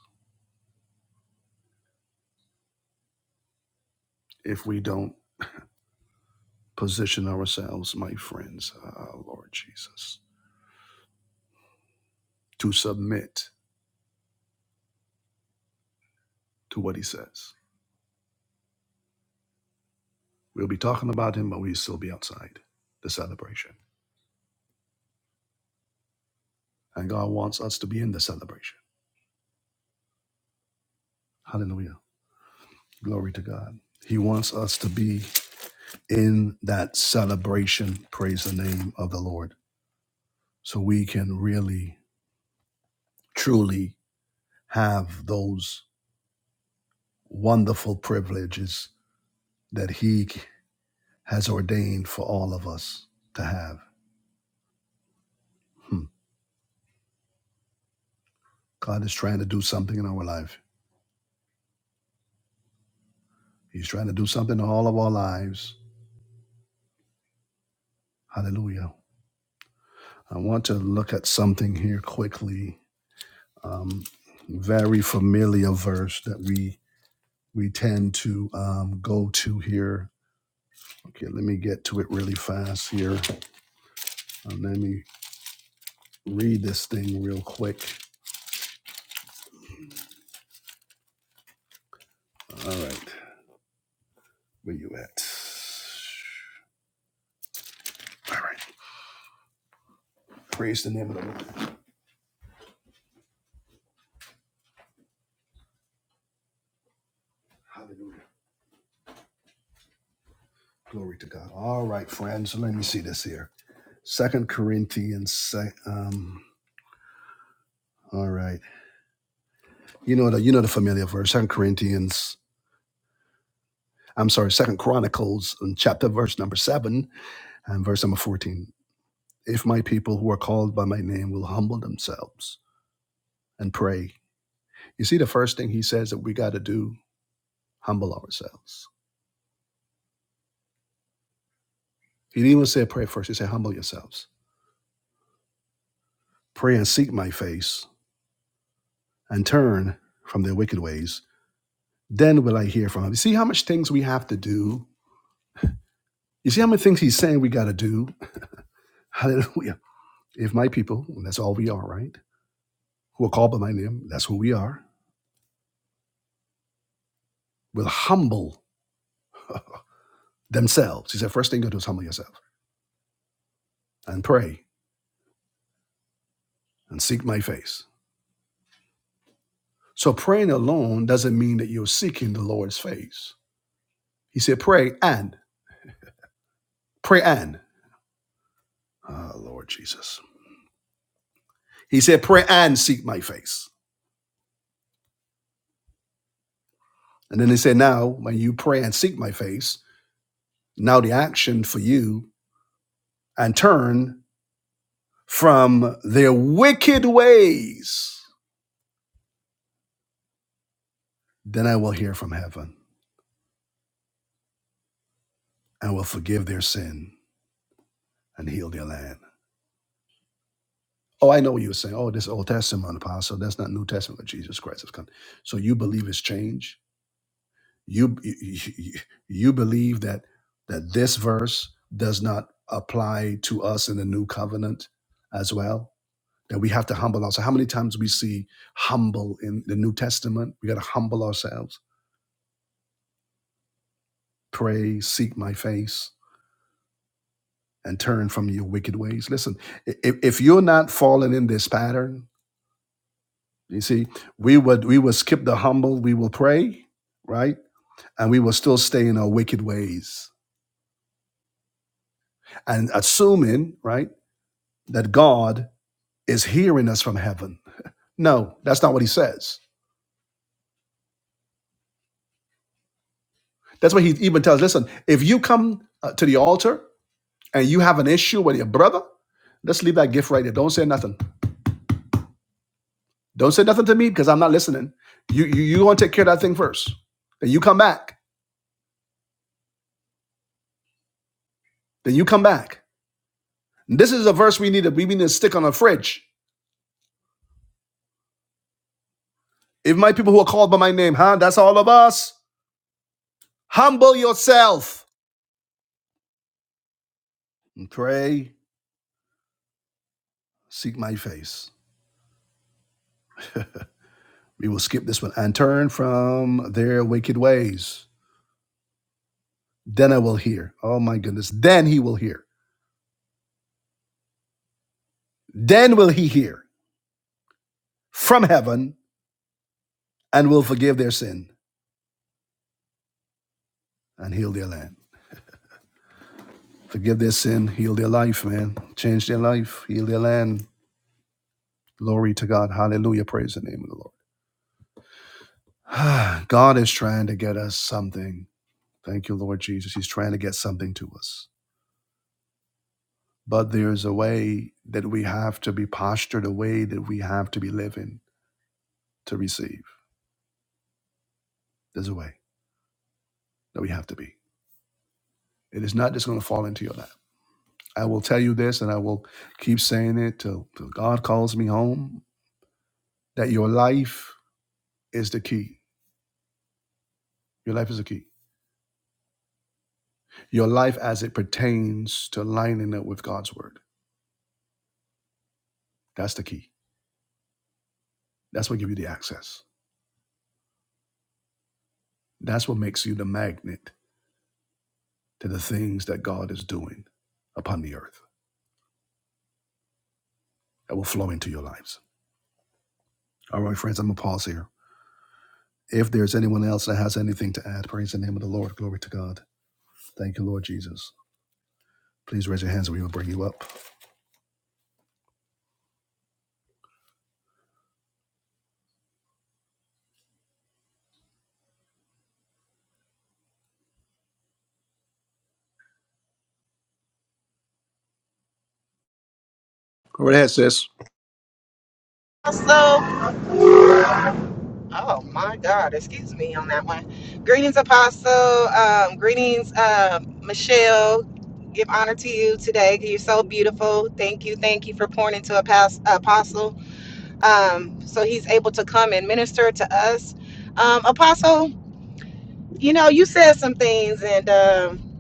Speaker 1: if we don't position ourselves, my friends. Ah, Lord Jesus. to submit to what he says. We'll be talking about him, but we'll still be outside the celebration. And God wants us to be in the celebration. Hallelujah. Glory to God. He wants us to be in that celebration. Praise the name of the Lord. So we can really, truly have those wonderful privileges that He has ordained for all of us to have. Hmm. God is trying to do something in our life. He's trying to do something in all of our lives Hallelujah. I want to look at something here quickly. Um, very familiar verse that we we tend to um, go to here. Okay, let me get to it really fast here. And let me read this thing real quick. All right, where you at? All right, praise the name of the Lord. Hallelujah. Glory to God. All right, friends, let me see this here. Second Corinthians. se- Um, all right, you know the you know the familiar verse. Second Corinthians I'm sorry, Second Chronicles in chapter verse number seven and verse number fourteen. If my people who are called by my name will humble themselves and pray. You see, the first thing he says that we got to do, humble ourselves. He didn't even say pray first, he said humble yourselves. Pray and seek my face and turn from their wicked ways. Then will I hear from him. You see how much things we have to do? You see how many things he's saying we got to do? Hallelujah. If my people, and that's all we are, right? Who are called by my name, that's who we are, will humble themselves. He said, first thing you do is humble yourself and pray and seek my face. So praying alone doesn't mean that you're seeking the Lord's face. He said, pray and, pray and. Ah, oh, Lord Jesus. He said, pray and seek my face. And then he said, now when you pray and seek my face, now the action for you and turn from their wicked ways, then I will hear from heaven and will forgive their sin and heal their land. Oh, I know what you were saying. Oh, this Old Testament apostle. That's not New Testament. Jesus Christ has come. So you believe it's change. You you, you believe that that this verse does not apply to us in the new covenant as well. That we have to humble ourselves. How many times we see humble in the New Testament? We got to humble ourselves. Pray, seek my face, and turn from your wicked ways. Listen, i- if, if you're not falling in this pattern, You see, we would we would skip the humble, we will pray, right? And we will still stay in our wicked ways. And assuming, right, that God is hearing us from heaven. No, that's not what he says. That's what he even tells. Listen, if you come uh, to the altar and you have an issue with your brother, let's leave that gift right there. Don't say nothing. Don't say nothing to me because I'm not listening. You you you gonna take care of that thing first. Then you come back. Then you come back. This is a verse we need to we need to stick on a fridge If my people who are called by my name, huh? That's all of us. Humble yourself and pray, seek my face. We will skip this one and turn from their wicked ways. Then I will hear. Oh my goodness. Then he will hear. Then will he hear from heaven and will forgive their sin and heal their land. Forgive their sin, heal their life, man. Change their life, heal their land. Glory to God. Hallelujah. Praise the name of the Lord. God is trying to get us something. Thank you, Lord Jesus. He's trying to get something to us. But there's a way that we have to be postured, a way that we have to be living to receive. There's a way that we have to be. It is not just going to fall into your lap. I will tell you this, and I will keep saying it till, till God calls me home that your life is the key. Your life is the key. Your life as it pertains to lining up with God's word. That's the key. That's what gives you the access. That's what makes you the magnet to the things that God is doing upon the earth that will flow into your lives. All right, friends, I'm going to pause here. If there's anyone else that has anything to add, praise the name of the Lord. Glory to God. Thank you, Lord Jesus. Please raise your hands and we will bring you up. Go right ahead, sis.
Speaker 2: Apostle. Oh my God, excuse me on that one. Greetings, Apostle. Um, greetings, uh, Michelle. Give honor to you today. You're so beautiful. Thank you. Thank you for pouring into a past, apostle. Um, so he's able to come and minister to us. Um, apostle, you know, you said some things and um,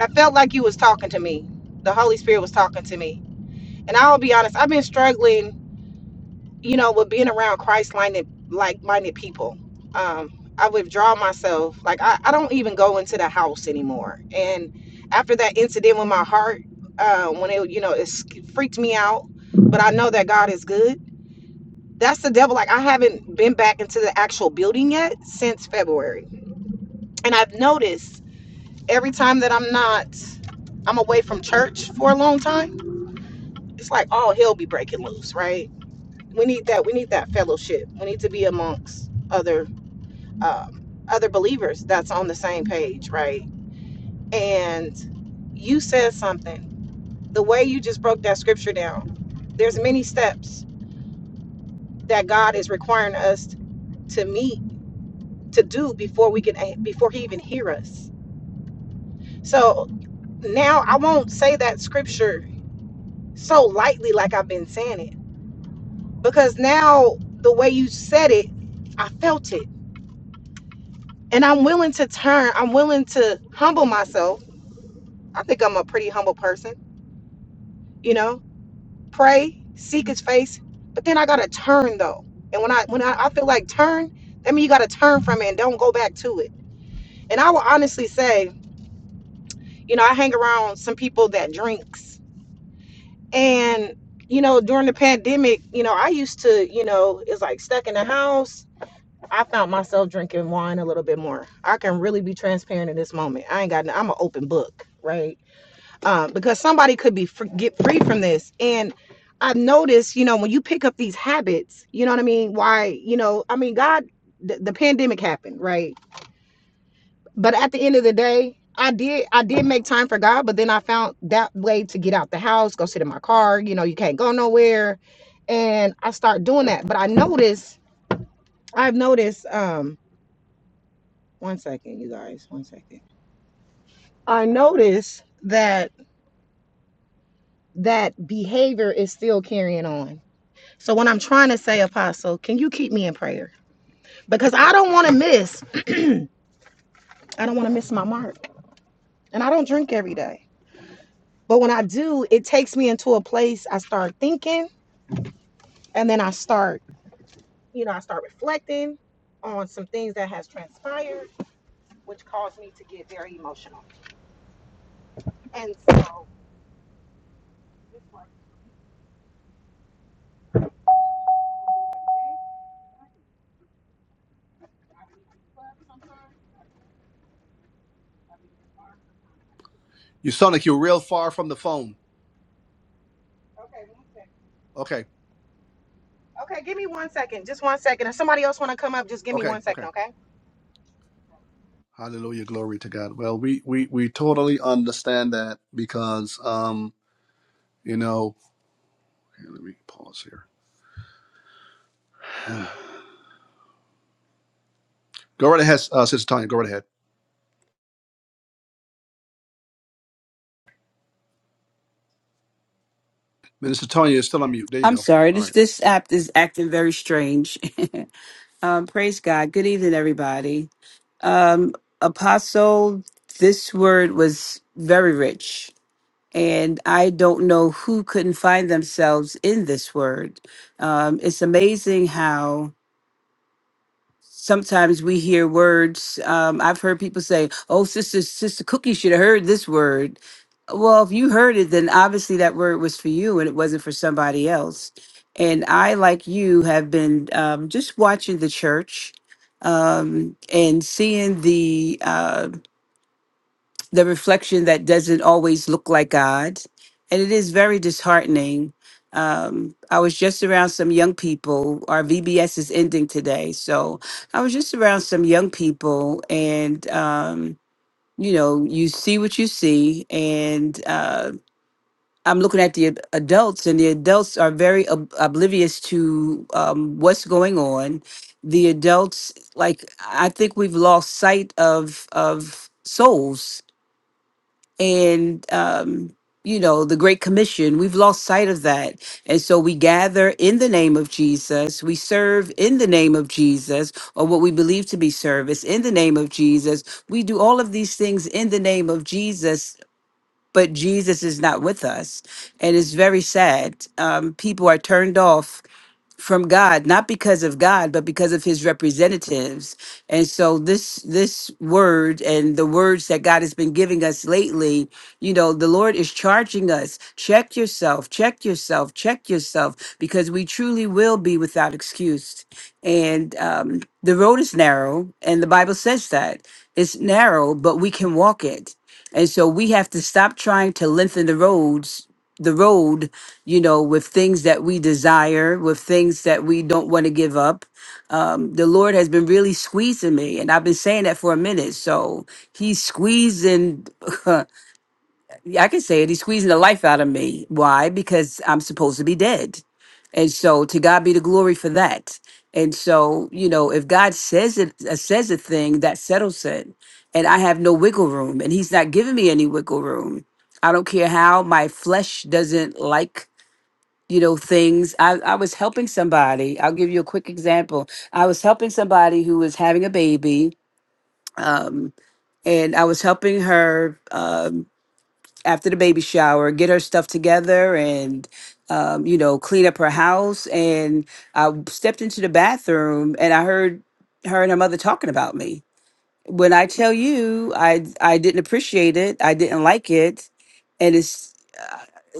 Speaker 2: I felt like you was talking to me. The Holy Spirit was talking to me. And I'll be honest, I've been struggling you know, with being around Christ minded like minded people. Um, I withdraw myself. Like I, I don't even go into the house anymore. And after that incident with my heart, uh, when it you know it sk- freaked me out, but I know that God is good. That's the devil. Like I haven't been back into the actual building yet since February, and I've noticed every time that I'm not, I'm away from church for a long time. It's like all hell be breaking loose, right? we need that we need that fellowship we need to be amongst other um, other believers that's on the same page right and you said something the way you just broke that scripture down there's many steps that god is requiring us to meet to do before we can before he even hear us so now i won't say that scripture so lightly like i've been saying it because now the way you said it i felt it and I'm willing to turn, I'm willing to humble myself. I think I'm a pretty humble person, you know, pray, seek his face, but then I gotta turn though. And when I when I, I feel like turn, that means you gotta turn from it and don't go back to it. And I will honestly say, you know, I hang around some people that drinks. And, you know, during the pandemic, you know, I used to, you know, it's like stuck in the house. I found myself drinking wine a little bit more. I can really be transparent in this moment. I ain't got, no, I'm an open book, right? um, because somebody could be fr- get free from this. And I've noticed, you know, when you pick up these habits, you know what I mean? Why, you know, I mean, God, the, the pandemic happened, right? But at the end of the day, I did, I did make time for God, but then I found that way to get out the house, go sit in my car. You know, you can't go nowhere, and I start doing that. But I noticed, I've noticed. Um, one second, you guys, one second. I noticed that that behavior is still carrying on So when I'm trying to say, Apostle, can you keep me in prayer? Because I don't want to miss, I don't want to miss my mark. And I don't drink every day. But when I do, it takes me into a place I start thinking and then I start, you know, I start reflecting on some things that has transpired, which caused me to get very emotional. And so
Speaker 1: You sound like you're real far from the phone.
Speaker 2: Okay, one second.
Speaker 1: Okay,
Speaker 2: Okay, give me one second. Just one second. If somebody else want to come up, just give me
Speaker 1: okay,
Speaker 2: one
Speaker 1: okay.
Speaker 2: second, okay?
Speaker 1: Hallelujah, glory to God. Well, we we, we totally understand that because, um, you know, here, let me pause here. go right ahead, uh, Sister Tanya. Go right ahead. Minister Tanya is still on mute. There you
Speaker 3: I'm
Speaker 1: go.
Speaker 3: sorry.
Speaker 1: All right.
Speaker 3: This this app is acting very strange. um, praise God. Good evening, everybody. Um, Apostle, this word was very rich, and I don't know who couldn't find themselves in this word. Um, it's amazing how sometimes we hear words. Um, I've heard people say, "Oh, sister, sister Cookie should have heard this word." Well, if you heard it, then obviously that word was for you, and it wasn't for somebody else. And I, like you, have been um, just watching the church um, and seeing the uh, the reflection that doesn't always look like God. And it is very disheartening. Um, I was just around some young people. Our VBS is ending today. So I was just around some young people, and, um, you know, you see what you see. And uh, I'm looking at the ad- adults, and the adults are very ob- oblivious to um, what's going on. The adults, like, I think we've lost sight of, of souls and um, you know the great commission we've lost sight of that and so we gather in the name of jesus we serve in the name of jesus or what we believe to be service in the name of jesus we do all of these things in the name of jesus but jesus is not with us and it's very sad um, people are turned off from God, not because of God, but because of his representatives. And so this this word and the words that God has been giving us lately, you know, the Lord is charging us, check yourself, check yourself, check yourself, because we truly will be without excuse. And um, the road is narrow, and the Bible says that it's narrow, but we can walk it. And so we have to stop trying to lengthen the roads, the road you know, with things that we desire, with things that we don't want to give up. Um, the Lord has been really squeezing me, and I've been saying that for a minute. So He's squeezing, yeah, I can say it, He's squeezing the life out of me. Why? Because I'm supposed to be dead. And so to God be the glory for that. And so, you know, if God says it, uh, says a thing, that settles it. And I have no wiggle room, and He's not giving me any wiggle room. I don't care how my flesh doesn't like you know things I, I was helping somebody i'll give you a quick example i was helping somebody who was having a baby um, and i was helping her um, after the baby shower get her stuff together and um, you know clean up her house and i stepped into the bathroom and i heard her and her mother talking about me when I tell you I I didn't appreciate it, I didn't like it, and it's uh,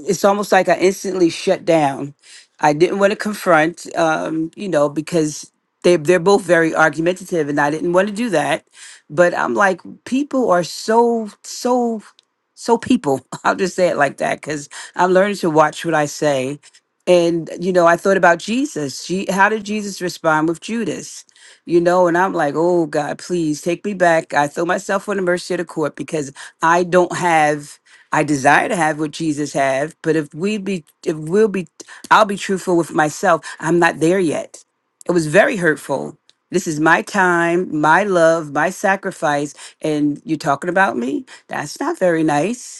Speaker 3: it's almost like I instantly shut down. I didn't want to confront, um, you know, because they they're both very argumentative, and I didn't want to do that. But I'm like, people are so so so people. I'll just say it like that because I'm learning to watch what I say. And you know, I thought about Jesus. Je- How did Jesus respond with Judas? you know, and I'm like, oh God, please take me back. I throw myself on the mercy of the court because I don't have I desire to have what Jesus have, but if we be if we'll be I'll be truthful with myself, I'm not there yet. It was very hurtful. This is my time, my love, my sacrifice, and you're talking about me? That's not very nice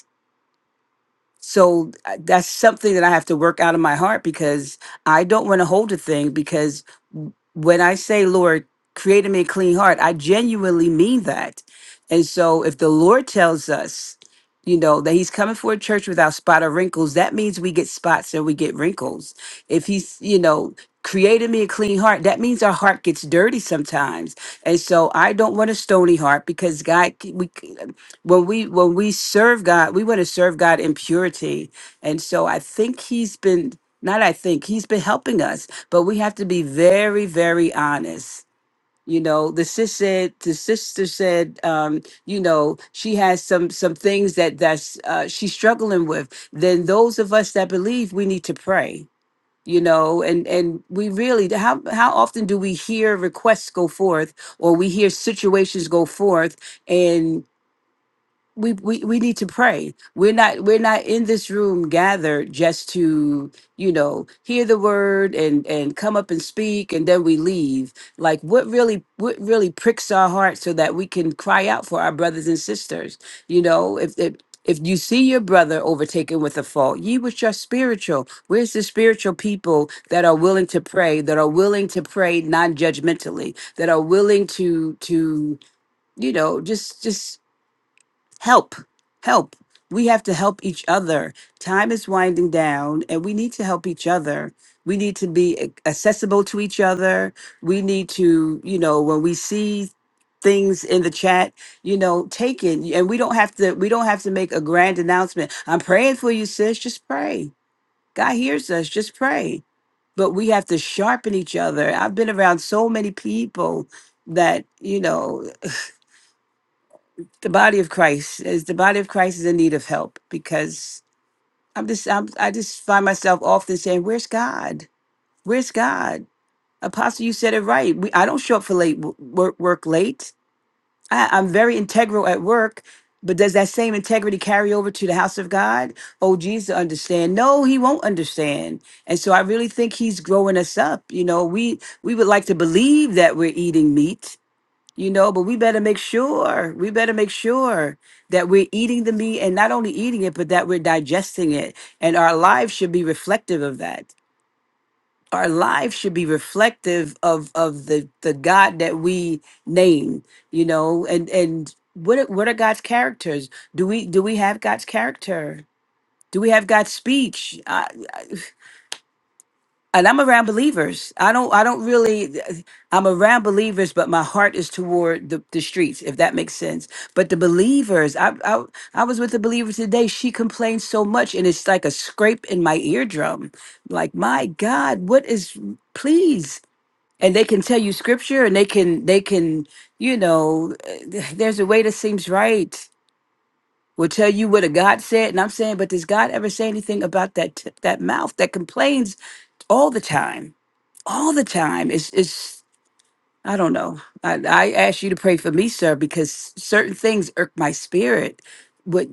Speaker 3: so uh, that's something that I have to work out of my heart because I don't want to hold a thing because w- when I say Lord create in me a clean heart I genuinely mean that and so if the Lord tells us you know that he's coming for a church without spot or wrinkles that means we get spots and we get wrinkles if he's you know created me a clean heart that means our heart gets dirty sometimes and so i don't want a stony heart because god c- we when we when we serve God, we want to serve God in purity. And so I think he's been not I think he's been helping us, but we have to be very, very honest. You know, the sis said the sister said, um, you know, she has some some things that that's uh, she's struggling with. Then those of us that believe we need to pray. You know, and and we really how how often do we hear requests go forth, or we hear situations go forth, and we, we we need to pray we're not we're not in this room gathered just to you know hear the word and and come up and speak and then we leave like what really what really pricks our hearts so that we can cry out for our brothers and sisters you know if if if you see your brother overtaken with a fault, ye which are spiritual, where's the spiritual people that are willing to pray, that are willing to pray non-judgmentally, that are willing to to you know just just help help we have to help each other time is winding down and we need to help each other we need to be ac- accessible to each other we need to you know when we see things in the chat you know take it and we don't have to we don't have to make a grand announcement i'm praying for you sis just pray god hears us just pray but we have to sharpen each other i've been around so many people that you know the body of Christ is the body of Christ is in need of help because I'm just I'm, I just find myself often saying, "Where's God? Where's God?" Apostle, you said it right. We, I don't show up for late w- work, work late. I, I'm very integral at work, but does that same integrity carry over to the house of God? Oh, Jesus, understand? No, he won't understand. And so I really think he's growing us up. You know, we we would like to believe that we're eating meat, you know but we better make sure we better make sure that we're eating the meat and not only eating it but that we're digesting it and our lives should be reflective of that our lives should be reflective of of the the god that we name you know and and what are, what are god's characters do we do we have god's character do we have god's speech and I'm around believers. I don't I don't really I'm around believers, but my heart is toward the, the streets, if that makes sense. But the believers, I, I I was with a believer today. She complained so much and it's like a scrape in my eardrum. Like, my God, what is please? And they can tell you scripture and they can they can, you know, eh, there's a way that seems right. Will tell you what a God said, and I'm saying, but does God ever say anything about that t- that mouth that complains all the time? all the time. It's it's I don't know. I, I ask you to pray for me, sir, because certain things irk my spirit. What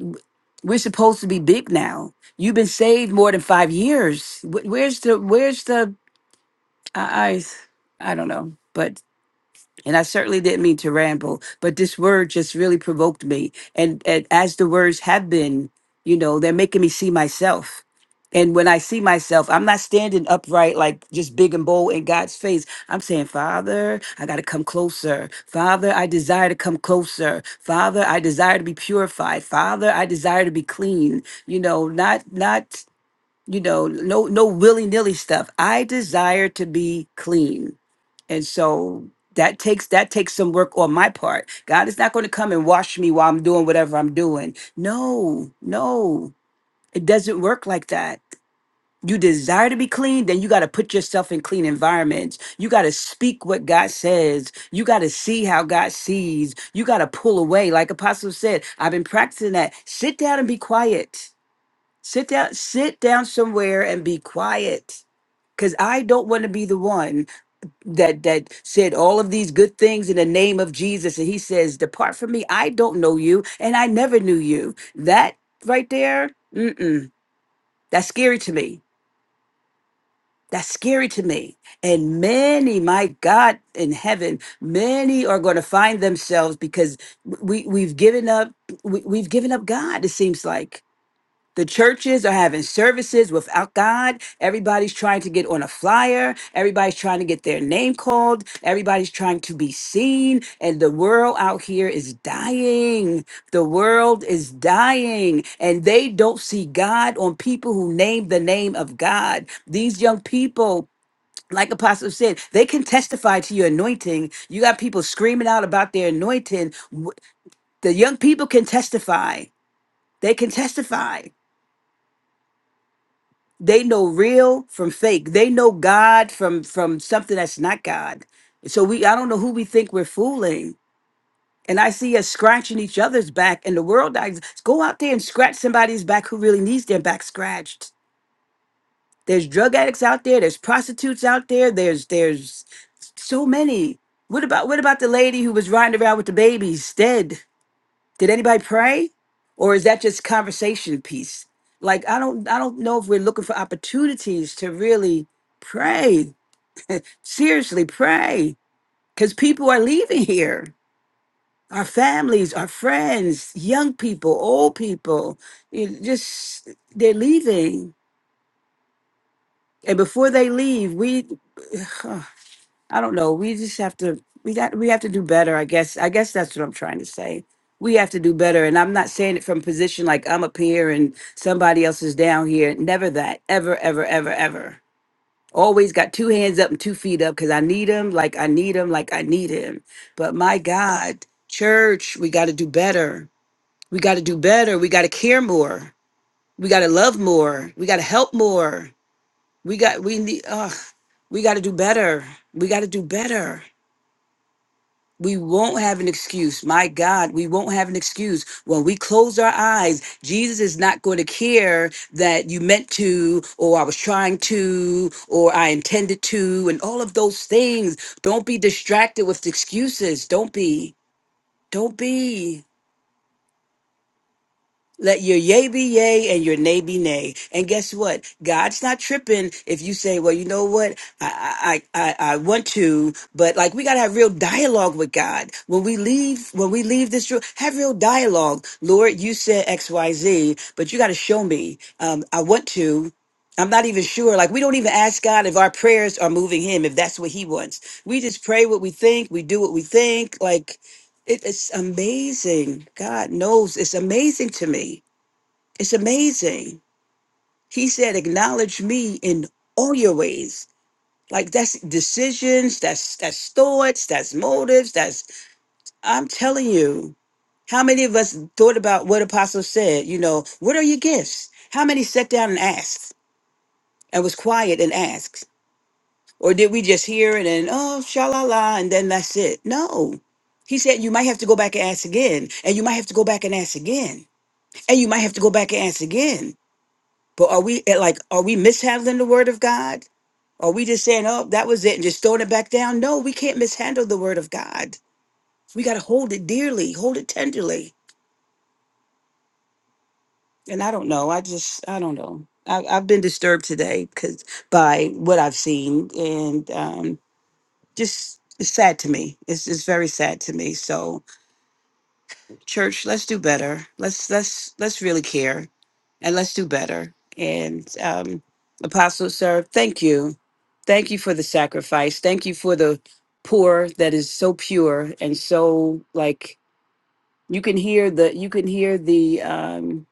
Speaker 3: we're supposed to be big now. You've been saved more than five years. Wh- Where's the where's the I I, I don't know, but and I certainly didn't mean to ramble, but this word just really provoked me. And, and as the words have been, you know, they're making me see myself. And when I see myself, I'm not standing upright like just big and bold in God's face. I'm saying, Father, I got to come closer. Father, I desire to come closer. Father, I desire to be purified. Father, I desire to be clean. You know, not, not, you know, no, no willy nilly stuff. I desire to be clean. And so that takes that takes some work on my part. God is not going to come and wash me while I'm doing whatever I'm doing. No, no. It doesn't work like that. You desire to be clean, then you got to put yourself in clean environments. You got to speak what God says. You got to see how God sees. You got to pull away. Like Apostle said, I've been practicing that. Sit down and be quiet. Sit down, sit down somewhere and be quiet. Because I don't want to be the one that that said all of these good things in the name of Jesus and he says depart from me I don't know you and I never knew you that right there mm-mm, that's scary to me that's scary to me and many my God in heaven many are going to find themselves because we we've given up we, we've given up God it seems like the churches are having services without God. Everybody's trying to get on a flyer. Everybody's trying to get their name called. Everybody's trying to be seen. And the world out here is dying. The world is dying. And they don't see God on people who name the name of God. These young people, like Apostle said, they can testify to your anointing. You got people screaming out about their anointing. W- The young people can testify. They can testify. They know real from fake. They know God from from something that's not God. So we I don't know who we think we're fooling. And I see us scratching each other's back and the world dies. Go out there and scratch somebody's back who really needs their back scratched. There's drug addicts out there, there's prostitutes out there, there's there's so many. What about what about the lady who was riding around with the babies dead? Did anybody pray? Or is that just conversation piece? Like I don't I don't know if we're looking for opportunities to really pray. Seriously, pray. Because people are leaving here. Our families, our friends, young people, old people. You just they're leaving. And before they leave, we I don't know. We just have to we got we have to do better, I guess. I guess that's what I'm trying to say. We have to do better. And I'm not saying it from position like I'm up here and somebody else is down here. Never that. Ever, ever, ever, ever. Always got two hands up and two feet up because I need him like I need him like I need him. But my God, church, we got to do better. We got to do better. We got to care more. We got to love more. We got to help more. We got we need. Uh, we got to do better. We got to do better. We won't have an excuse. My God, we won't have an excuse. When we close our eyes, Jesus is not going to care that you meant to, or I was trying to, or I intended to, and all of those things. Don't be distracted with excuses. Don't be. Don't be. Let your yay be yay and your nay be nay. And guess what? God's not tripping if you say, well, you know what? I, I, I, I want to, but like we got to have real dialogue with God. When we leave, when we leave this room, have real dialogue. Lord, you said X, Y, Z, but you got to show me. Um, I want to. I'm not even sure. Like, we don't even ask God if our prayers are moving Him, if that's what He wants. We just pray what we think. We do what we think. Like, it, it's amazing. God knows it's amazing to me it's amazing. He said, acknowledge me in all your ways. Like that's decisions, that's that's thoughts, that's motives, that's I'm telling you. How many of us thought about what Apostle said? You know, what are your gifts? How many sat down and asked and was quiet and asked? Or did we just hear it and oh shalala, and then that's it? No. He said you might have to go back and ask again, and you might have to go back and ask again, and you might have to go back and ask again. But are we eh, like, are we mishandling the word of God? Are we just saying, oh, that was it and just throwing it back down? No, we can't mishandle the word of God. We got to hold it dearly, hold it tenderly. And I don't know. I just, I don't know. I, I've been disturbed today because by what I've seen and um, just it's sad to me. It's, it's very sad to me. So, church let's do better let's let's let's really care and let's do better and um apostle sir thank you thank you for the sacrifice thank you for the pour that is so pure and so like you can hear the you can hear the um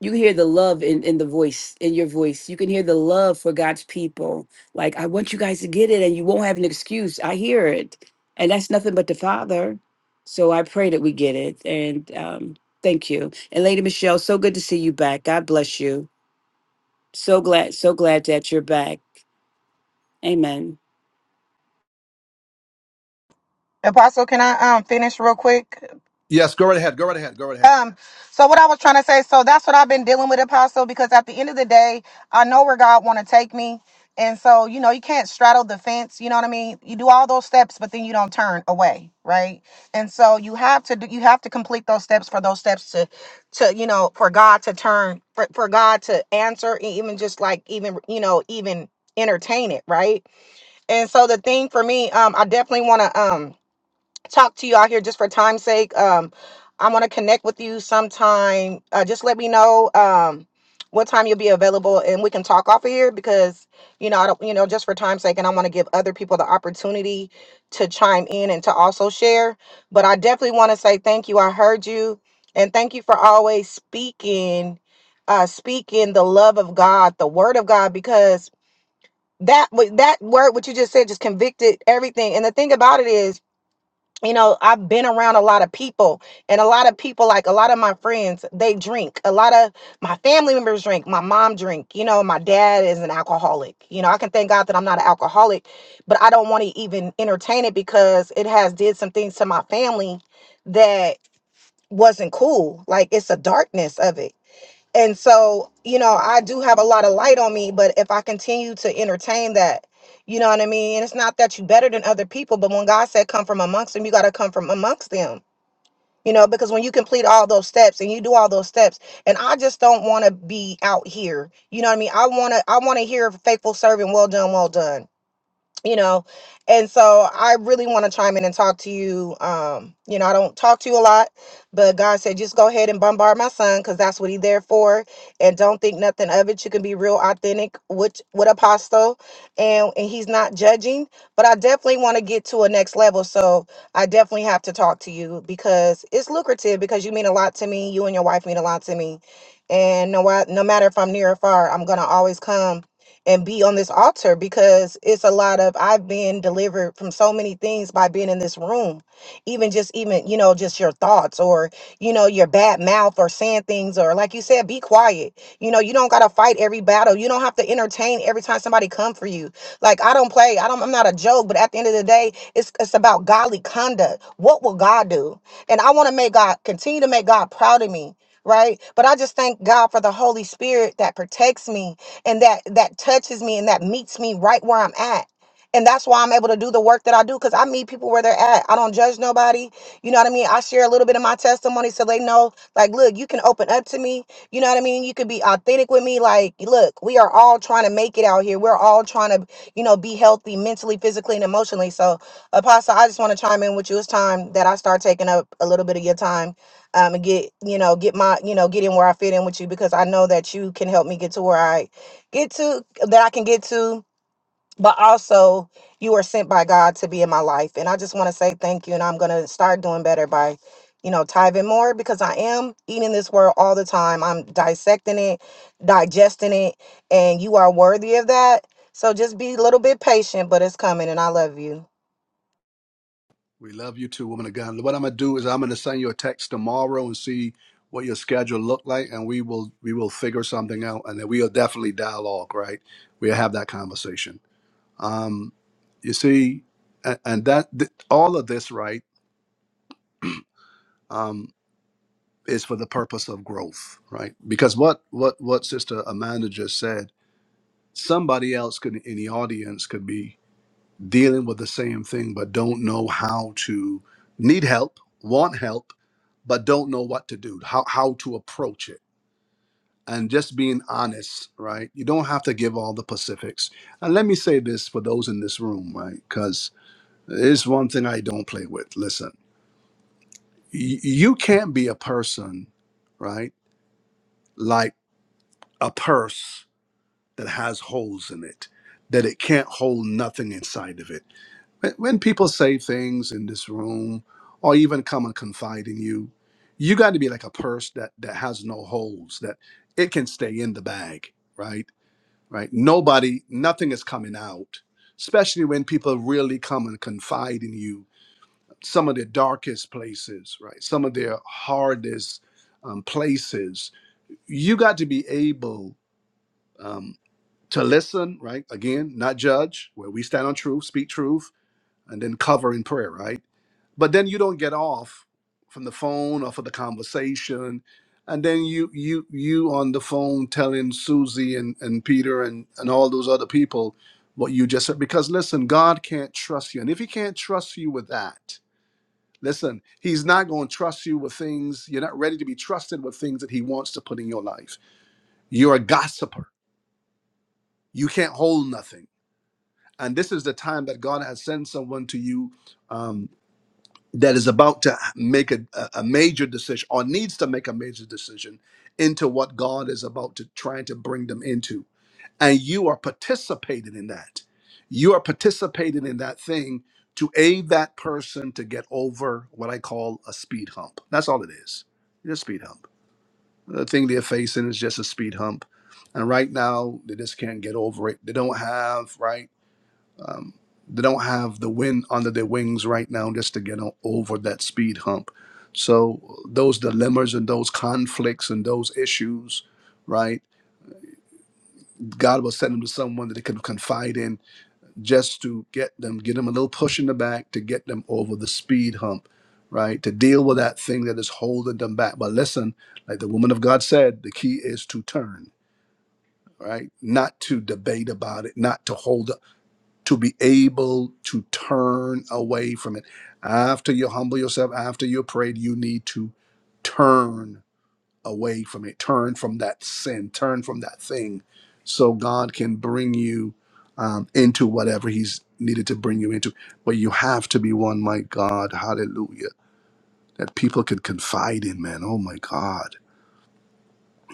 Speaker 3: you can hear the love in, in the voice in your voice you can hear the love for god's people like i want you guys to get it and you won't have an excuse i hear it and that's nothing but the father so i pray that we get it and um, thank you and lady michelle so good to see you back god bless you so glad so glad that you're back amen
Speaker 2: Apostle, can I um finish real quick?
Speaker 1: Yes, go right ahead. Go right ahead. Go right ahead.
Speaker 2: Um, so what I was trying to say, so that's what I've been dealing with, Apostle, because at the end of the day, I know where God want to take me. And so, you know, you can't straddle the fence, you know what I mean? You do all those steps, but then you don't turn away, right? And so you have to do you have to complete those steps for those steps to to, you know, for God to turn for, for God to answer e- even just like even, you know, even entertain it, right? And so the thing for me, um, I definitely want to um talk to you out here just for time's sake. Um, I want to connect with you sometime. Uh, just let me know um what time you'll be available, and we can talk off of here because you know I don't, you know, just for time's sake, and I want to give other people the opportunity to chime in and to also share. But I definitely want to say thank you. I heard you, and thank you for always speaking, uh, speaking the love of God, the Word of God, because that wa- that word what you just said just convicted everything. And the thing about it is you know i've been around a lot of people and a lot of people like a lot of my friends they drink a lot of my family members drink my mom drink you know my dad is an alcoholic you know i can thank god that i'm not an alcoholic but i don't want to even entertain it because it has did some things to my family that wasn't cool like it's a darkness of it and so, you know, I do have a lot of light on me, but if I continue to entertain that, you know what I mean? And it's not that you better than other people, but when God said come from amongst them, you got to come from amongst them. You know, because when you complete all those steps and you do all those steps, and I just don't want to be out here. You know what I mean? I want to I want to hear faithful servant, well done, well done you know and so i really want to chime in and talk to you um you know i don't talk to you a lot but god said just go ahead and bombard my son because that's what he there for and don't think nothing of it you can be real authentic with with apostle and and he's not judging but i definitely want to get to a next level so i definitely have to talk to you because it's lucrative because you mean a lot to me you and your wife mean a lot to me and no, wa- no matter if i'm near or far i'm gonna always come and be on this altar because it's a lot of I've been delivered from so many things by being in this room. Even just even, you know, just your thoughts or, you know, your bad mouth or saying things or like you said, be quiet. You know, you don't gotta fight every battle. You don't have to entertain every time somebody come for you. Like I don't play, I don't I'm not a joke, but at the end of the day, it's it's about godly conduct. What will God do? And I want to make God continue to make God proud of me. Right. But I just thank God for the Holy Spirit that protects me and that that touches me and that meets me right where I'm at. And that's why I'm able to do the work that I do because I meet people where they're at. I don't judge nobody. You know what I mean? I share a little bit of my testimony so they know, like, look, you can open up to me. You know what I mean? You could be authentic with me. Like, look, we are all trying to make it out here. We're all trying to, you know, be healthy mentally, physically, and emotionally. So, Apostle, I just want to chime in with you. It's time that I start taking up a little bit of your time um, and get, you know, get my, you know, get in where I fit in with you because I know that you can help me get to where I get to that I can get to, but also you are sent by God to be in my life. And I just want to say thank you. And I'm going to start doing better by, you know, tithing more because I am eating this word all the time. I'm dissecting it, digesting it, and you are worthy of that. So just be a little bit patient, but it's coming. And I love you.
Speaker 1: We love you too, woman of God. What I'm gonna do is I'm gonna send you a text tomorrow and see what your schedule look like, and we will we will figure something out, and then we'll definitely dialogue. Right? We'll have that conversation. Um, you see, and, and that th- all of this, right, um, is for the purpose of growth, right? Because what what what Sister Amanda just said, somebody else could in the audience could be dealing with the same thing but don't know how to need help, want help, but don't know what to do, how how to approach it. And just being honest, right? You don't have to give all the Pacifics. And let me say this for those in this room, right? Because it's one thing I don't play with. Listen, y- you can't be a person, right? Like a purse that has holes in it, that it can't hold nothing inside of it When when people say things in this room or even come and confide in you, you got to be like a purse that that has no holes, that it can stay in the bag, right? Right? Nobody, nothing is coming out, especially when people really come and confide in you some of their darkest places, right? Some of their hardest um, places. You got to be able um, to listen, right? Again, not judge, where we stand on truth, speak truth, and then cover in prayer, right? but then you don't get off from the phone or for the conversation and then you you you on the phone telling susie and, and peter and, and all those other people what you just said because listen god can't trust you and if he can't trust you with that listen he's not going to trust you with things you're not ready to be trusted with things that he wants to put in your life you're a gossiper you can't hold nothing and this is the time that god has sent someone to you Um, that is about to make a, a major decision or needs to make a major decision into what God is about to trying to bring them into. And you are participating in that. You are participating in that thing to aid that person to get over what I call a speed hump. That's all it is. It's a speed hump. The thing they're facing is just a speed hump. And right now, they just can't get over it. They don't have, right? Um, they don't have the wind under their wings right now just to get o- over that speed hump. So those dilemmas and those conflicts and those issues, right? God will send them to someone that they can confide in just to get them, get them a little push in the back to get them over the speed hump, right? To deal with that thing that is holding them back. But listen, like the woman of God said, the key is to turn, right? Not to debate about it, not to hold up to be able to turn away from it. After you humble yourself, after you prayed, you need to turn away from it, turn from that sin, turn from that thing, so God can bring you um, into whatever He's needed to bring you into. But you have to be one, my God, hallelujah, that people can confide in, man. Oh, my God,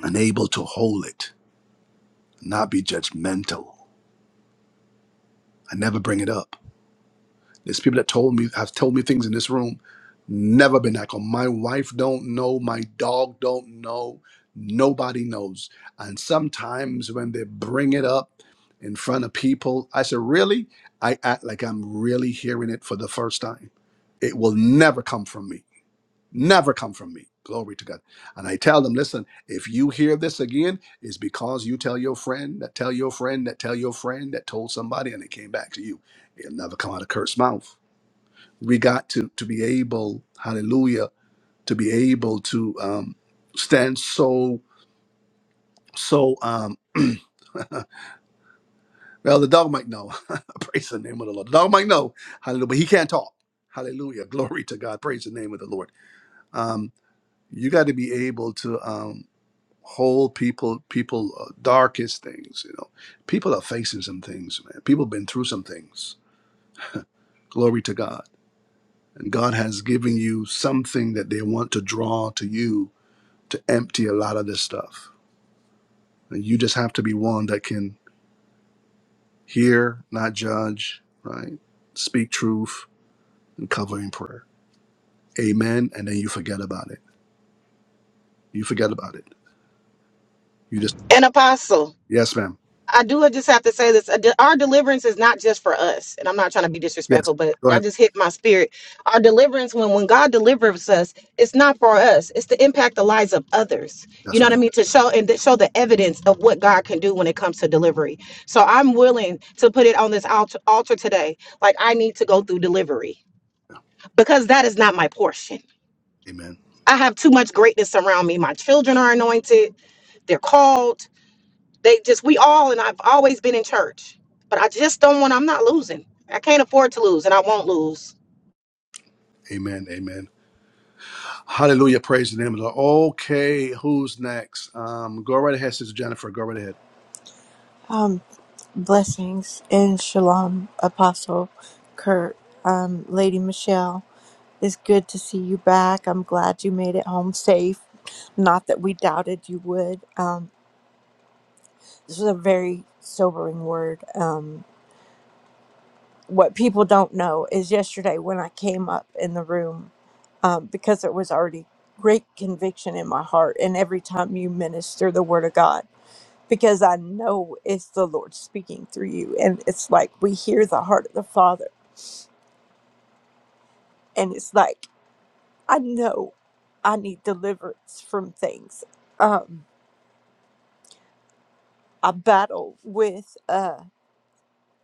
Speaker 1: and able to hold it, not be judgmental. and never bring it up There's people that told me have told me things in this room. Never been that calm. My wife don't know. My dog don't know. Nobody knows. And sometimes when they bring it up in front of people, I said, "Really?" I act like I'm really hearing it for the first time. It will never come from me. Never come from me. Glory to God. And I tell them, listen, if you hear this again, it's because you tell your friend that tell your friend that tell your friend that told somebody and it came back to you. It'll never come out of cursed mouth we got to to be able hallelujah to be able to um stand so so um well the dog might know praise the name of the lord the dog might know hallelujah but he can't talk hallelujah glory to god praise the name of the lord um you got to be able to um hold people people uh, darkest things you know people are facing some things man people been through some things glory to god and god has given you something that they want to draw to you to empty a lot of this stuff. And you just have to be one that can hear, not judge, right? Speak truth and cover in prayer. Amen. And then you forget about it. You forget about it. You just,
Speaker 2: An apostle.
Speaker 1: yes, ma'am.
Speaker 2: I do just have to say this. uh, de- Our deliverance is not just for us. And I'm not trying to be
Speaker 1: Yes.
Speaker 2: disrespectful, but
Speaker 1: Go
Speaker 2: I
Speaker 1: ahead.
Speaker 2: just hit my spirit. Our deliverance, when, when God delivers us, it's not for us. It's to impact the lives of others. You
Speaker 1: That's
Speaker 2: know what
Speaker 1: right.
Speaker 2: I mean? To show and to show the evidence of what God can do when it comes to delivery. So I'm willing to put it on this altar, altar today. Like I need to go through delivery because that is not my portion.
Speaker 1: Amen.
Speaker 2: I have too much greatness around me. My children are anointed. They're called. They just we all and I've always been in church, but I just don't want. I'm not losing. I can't afford to lose, and I won't lose.
Speaker 1: Amen. Amen. Hallelujah. Praise the name of the Lord. Okay. Who's next? Um, go right ahead, Sister Jennifer. Go right ahead.
Speaker 4: Um, blessings and shalom, Apostle Kurt, um, Lady Michelle. It's good to see you back. I'm glad you made it home safe. Not that we doubted you would. Um, this is a very sobering word. Um, what people don't know is yesterday when I came up in the room, um, because there was already great conviction in my heart, and every time you minister the Word of God. because I know it's the Lord speaking through you. And it's like we hear the heart of the Father. And it's like, I know I need deliverance from things. Um, I battle with uh,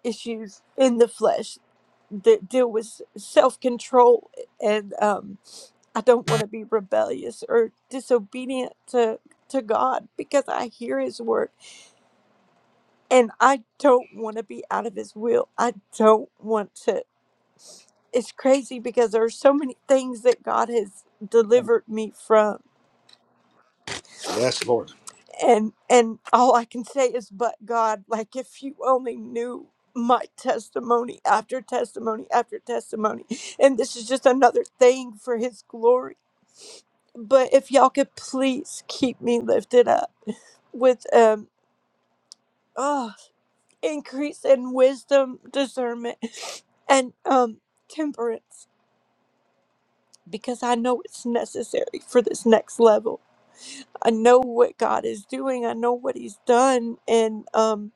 Speaker 4: issues in the flesh that deal with self control. And um, I don't want to be rebellious or disobedient to, to God because I hear His word and I don't want to be out of His will. I don't want to. it's crazy because there's so many things that God has delivered me from
Speaker 1: Yes, Lord.
Speaker 4: and and all I can say is but God like if you only knew my testimony after testimony after testimony and this is just another thing for his glory but if y'all could please keep me lifted up with um oh increase in wisdom discernment and um temperance because I know it's necessary for this next level I know what God is doing. I know what He's done, and um,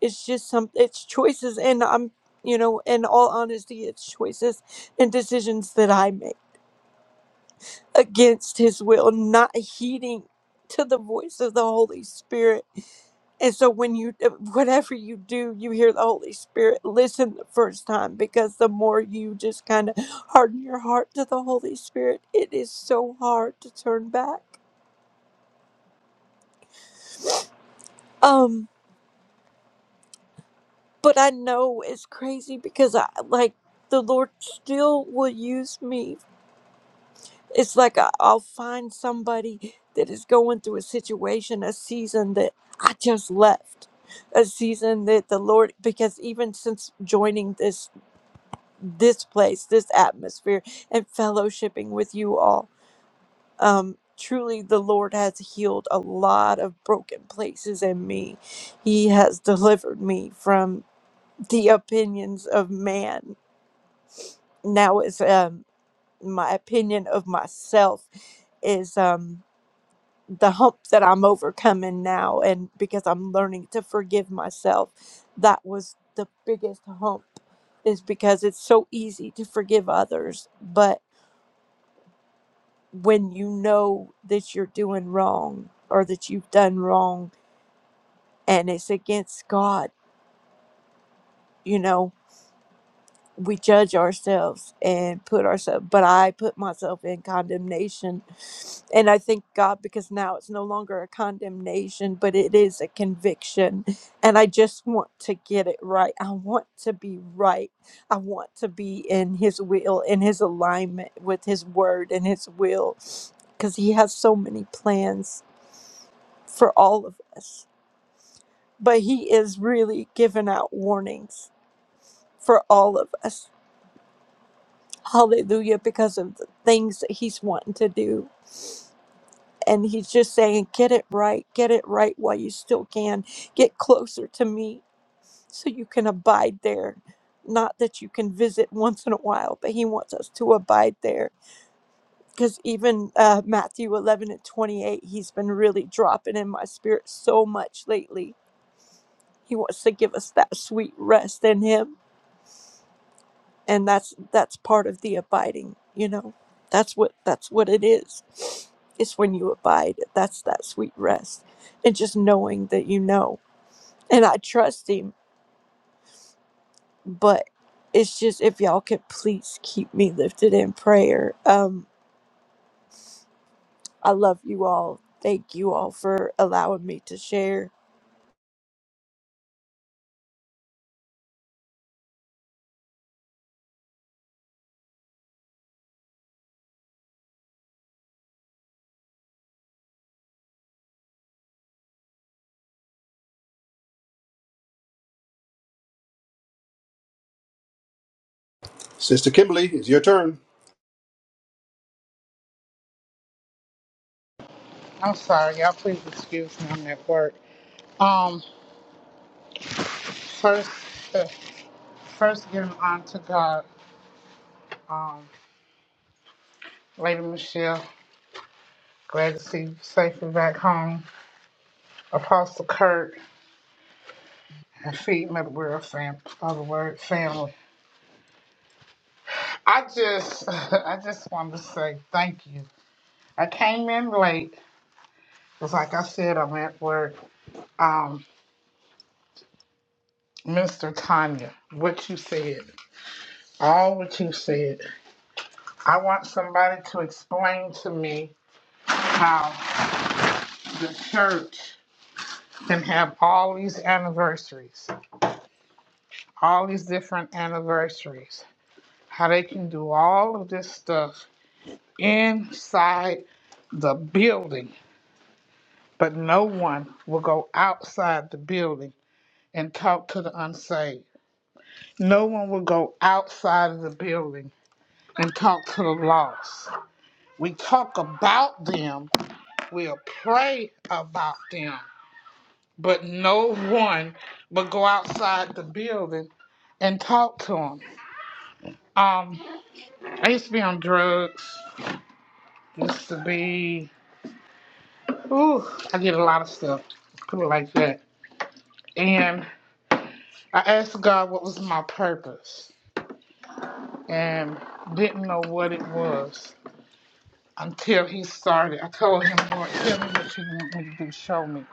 Speaker 4: it's just some it's choices, and I'm you know, in all honesty, it's choices and decisions that I make against His will, not heeding to the voice of the Holy Spirit. And so, when you uh, whatever you do, you hear the Holy Spirit. Listen the first time because the more you just kind of harden your heart to the Holy Spirit, it is so hard to turn back. Um but I know it's crazy because I like the Lord still will use me. It's like I, I'll find somebody that is going through a situation, a season that I just left, a season that the Lord because even since joining this this place, this atmosphere, and fellowshipping with you all, um, truly the Lord has healed a lot of broken places in me. He has delivered me from the opinions of man now is um, my opinion of myself is um, the hump that I'm overcoming now, and because I'm learning to forgive myself, that was the biggest hump. Is because it's so easy to forgive others, but when you know that you're doing wrong or that you've done wrong and it's against God, you know, we judge ourselves and put ourselves but i put myself in condemnation and i thank god because now it's no longer a condemnation but it is a conviction and i just want to get it right i want to be right i want to be in his will in his alignment with his word and his will because he has so many plans for all of us but he is really giving out warnings for all of us Hallelujah, because of the things that he's wanting to do. And he's just saying, get it right, get it right while you still can. Get closer to me so you can abide there. Not that you can visit once in a while, but he wants us to abide there. Because even uh, Matthew 11 and 28, he's been really dropping in my spirit so much lately. He wants to give us that sweet rest in him and that's that's part of the abiding you know that's what that's what it is it's when you abide that's that sweet rest and just knowing that you know and i trust him but it's just if y'all could please keep me lifted in prayer um i love you all thank you all for allowing me to share
Speaker 1: Sister Kimberly, it's your turn.
Speaker 5: I'm sorry, y'all. Please excuse me. I'm at work. Um, first, uh, first giving honor to God. Um, Lady Michelle, glad to see you safely back home. Apostle Kurt and Feed Metal World fam, other word family. I just, I just wanted to say thank you. I came in late because, like I said, I'm at work. Um, Mr. Tanya, what you said, all what you said. I want somebody to explain to me how. the church can have all these anniversaries, all these different anniversaries, how they can do all of this stuff inside the building, but no one will go outside the building and talk to the unsaved. No one will go outside of the building and talk to the lost. We talk about them, we'll pray about them, but no one would go outside the building and talk to him. Um, I used to be on drugs. Used to be, ooh, I did a lot of stuff, people like that. And I asked God what was my purpose, and didn't know what it was until He started. I told Him, Lord, tell me what you want me to do. Show me.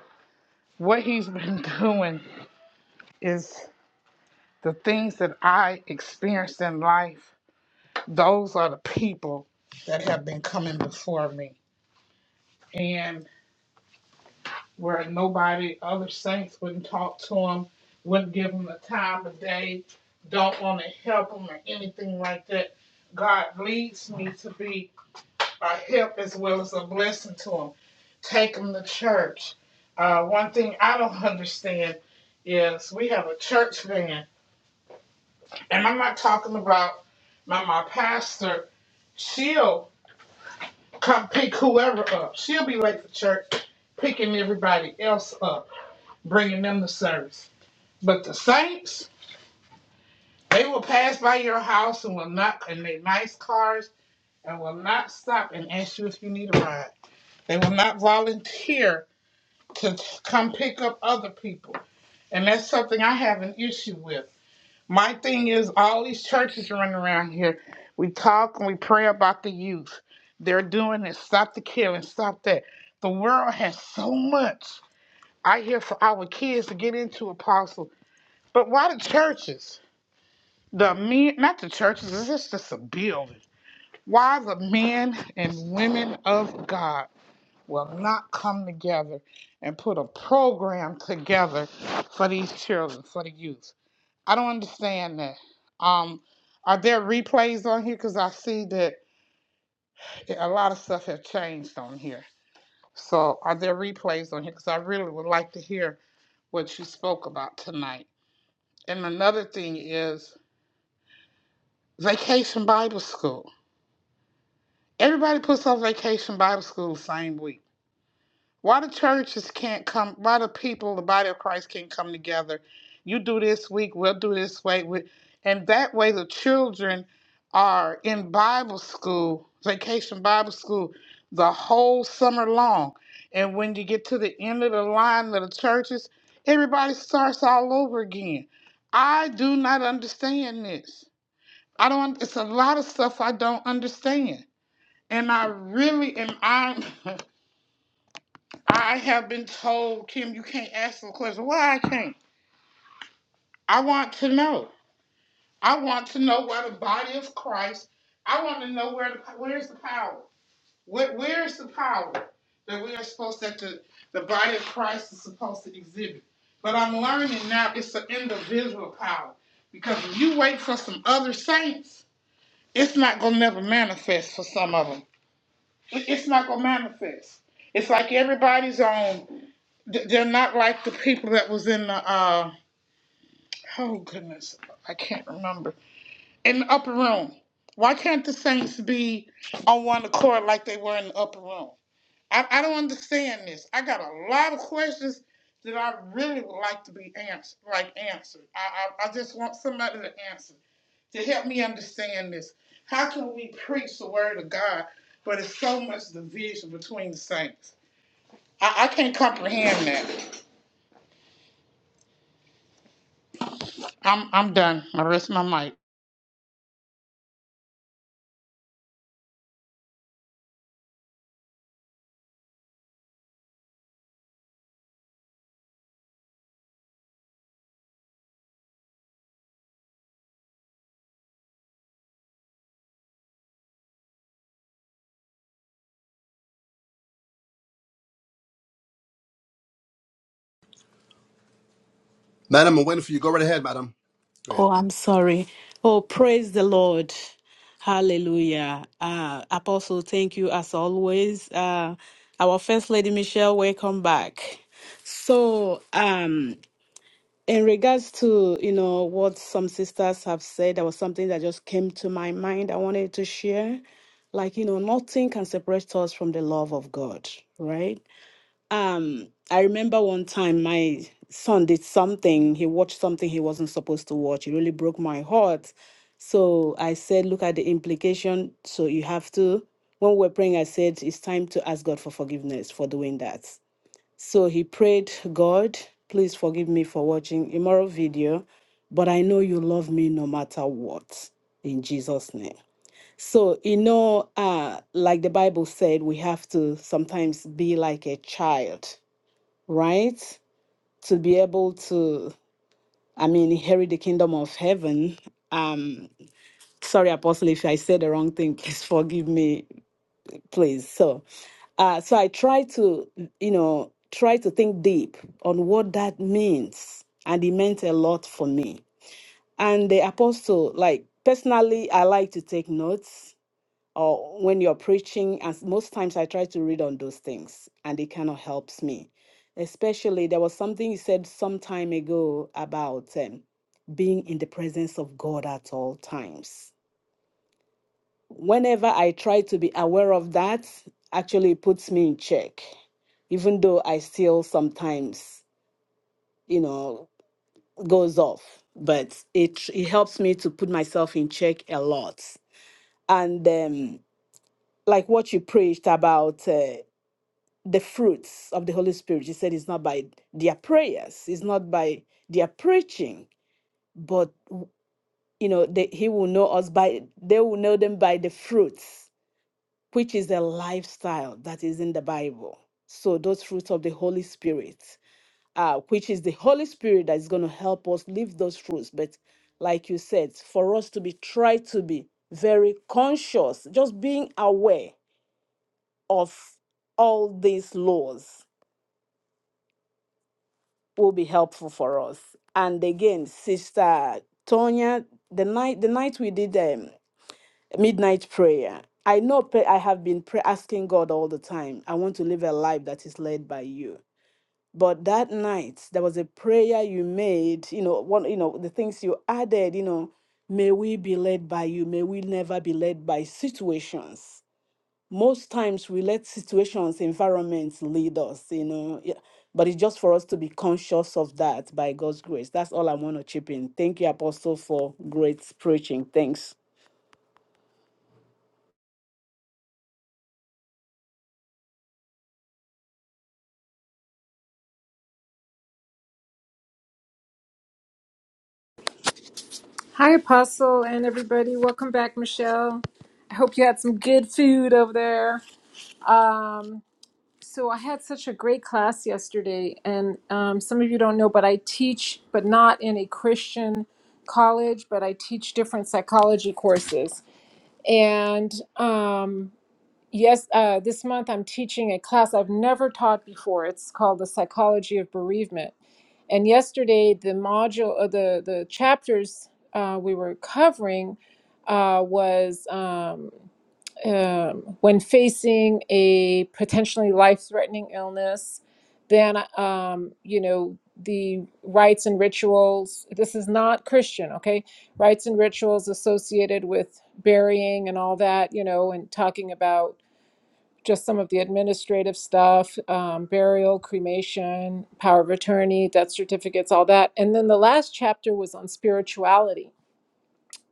Speaker 5: What He's been doing is the things that I experienced in life those are the people that have been coming before me. And where nobody, other saints wouldn't talk to them, wouldn't give them the time of day, don't want to help them or anything like that. God leads me to be a help as well as a blessing to them. Take them to church. Uh, one thing I don't understand is we have a church van, and I'm not talking about my, my pastor. She'll come pick whoever up. She'll be late for church, picking everybody else up, bringing them to service. But the saints, they will pass by your house and will not in their nice cars and will not stop and ask you if you need a ride. They will not volunteer to come pick up other people. And that's something I have an issue with. My thing is, all these churches running around here, we talk and we pray about the youth. They're doing this. Stop the killing. Stop that. The world has so much. I hear for our kids to get into apostle, but why the churches? The men, not the churches. This is just a building. Why the men and women of God will not come together and put a program together for these children, for the youth? I don't understand that. Um, are there replays on here? Because I see that a lot of stuff have changed on here. So are there replays on here? Because I really would like to hear what you spoke about tonight. And another thing is Vacation Bible School. Everybody puts on Vacation Bible School the same week. Why the churches can't come, why the people, the body of Christ can't come together. You do this week, we'll do this way. We, and that way the children are in Bible school, vacation Bible school, the whole summer long. And when you get to the end of the line of the churches, everybody starts all over again. I do not understand this. I don't, it's a lot of stuff I don't understand. And I really am, I'm, I have been told, Kim, you can't ask the question. Why I can't? I want to know. I want to know where the body of Christ. I want to know where the where's the power. Where where's the power that we are supposed that the, the body of Christ is supposed to exhibit. But I'm learning now it's an individual power because if you wait for some other saints, it's not gonna never manifest for some of them. It- It's not gonna manifest. It's like everybody's on. th- They're not like the people that was in the. Uh, oh goodness, I can't remember. In the upper room. Why can't the saints be on one accord like they were in the upper room? I, I don't understand this. I got a lot of questions that I really would like to be answered. Like answered. I, I I just want somebody to answer to help me understand this. How can we preach the word of God, but it's so much division between the saints? I, I can't comprehend that. I'm I'm done. I rest my mic.
Speaker 1: Madam, I'm waiting for you. Go right ahead, madam. Go ahead.
Speaker 6: Oh, I'm sorry. Oh, praise the Lord. Hallelujah. Uh, Apostle, thank you as always. Uh, our First Lady Michelle, welcome back. So, um, in regards to, you know, what some sisters have said, there was something that just came to my mind I wanted to share. Like, you know, nothing can separate us from the love of God, right? Um, I remember one time my son did something. He watched something he wasn't supposed to watch. It really broke my heart. So I said, look at the implication. So you have to. When we were praying, I said, it's time to ask God for forgiveness for doing that. So he prayed, God, please forgive me for watching immoral video, but I know you love me no matter what. In Jesus' name. So, you know, uh, like the Bible said, we have to sometimes be like a child right? To be able to, I mean, inherit the kingdom of heaven. Um, sorry, Apostle, if I said the wrong thing, please forgive me, please. So, uh, so I try to, you know, try to think deep on what that means, and it meant a lot for me. And the apostle, like personally, I like to take notes or when you're preaching as most times i try to read on those things and it kind of helps me especially there was something you said some time ago about um, being in the presence of god at all times whenever i try to be aware of that actually it puts me in check even though i still sometimes you know goes off but it it helps me to put myself in check a lot and um like what you preached about uh, the fruits of the Holy Spirit. He said it's not by their prayers, it's not by their preaching, but you know, they, he will know us by they will know them by the fruits, which is the lifestyle that is in the Bible. So those fruits of the Holy Spirit, uh, which is the Holy Spirit that is going to help us live those fruits. But like you said, for us to be try to be very conscious, just being aware of all these laws will be helpful for us. And again, Sister Tonya, the night the night we did um, midnight prayer, I know pray, I have been pray, asking God all the time. I want to live a life that is led by you. But that night, there was a prayer you made. You know, one. You know, the things you added. You know, may we be led by you. May we never be led by situations most times we let situations, environments lead us, you know. Yeah. But it's just for us to be conscious of that by God's grace. That's all I want to chip in. Thank you, Apostle, for great preaching. Thanks.
Speaker 7: Hi, Apostle, and everybody. Welcome back, Michelle. I hope you had some good food over there. Um, so, I had such a great class yesterday, and um, some of you don't know, but I teach, but not in a Christian college, but I teach different psychology courses. And um, Yes, uh, this month I'm teaching a class I've never taught before. It's called The Psychology of Bereavement. And yesterday, the module, uh, the, the chapters uh, we were covering uh, was um, um, when facing a potentially life threatening illness, then, um, you know, the rites and rituals. This is not Christian, okay? Rites and rituals associated with burying and all that, you know, and talking about just some of the administrative stuff, um, burial, cremation, power of attorney, death certificates, all that. And then the last chapter was on spirituality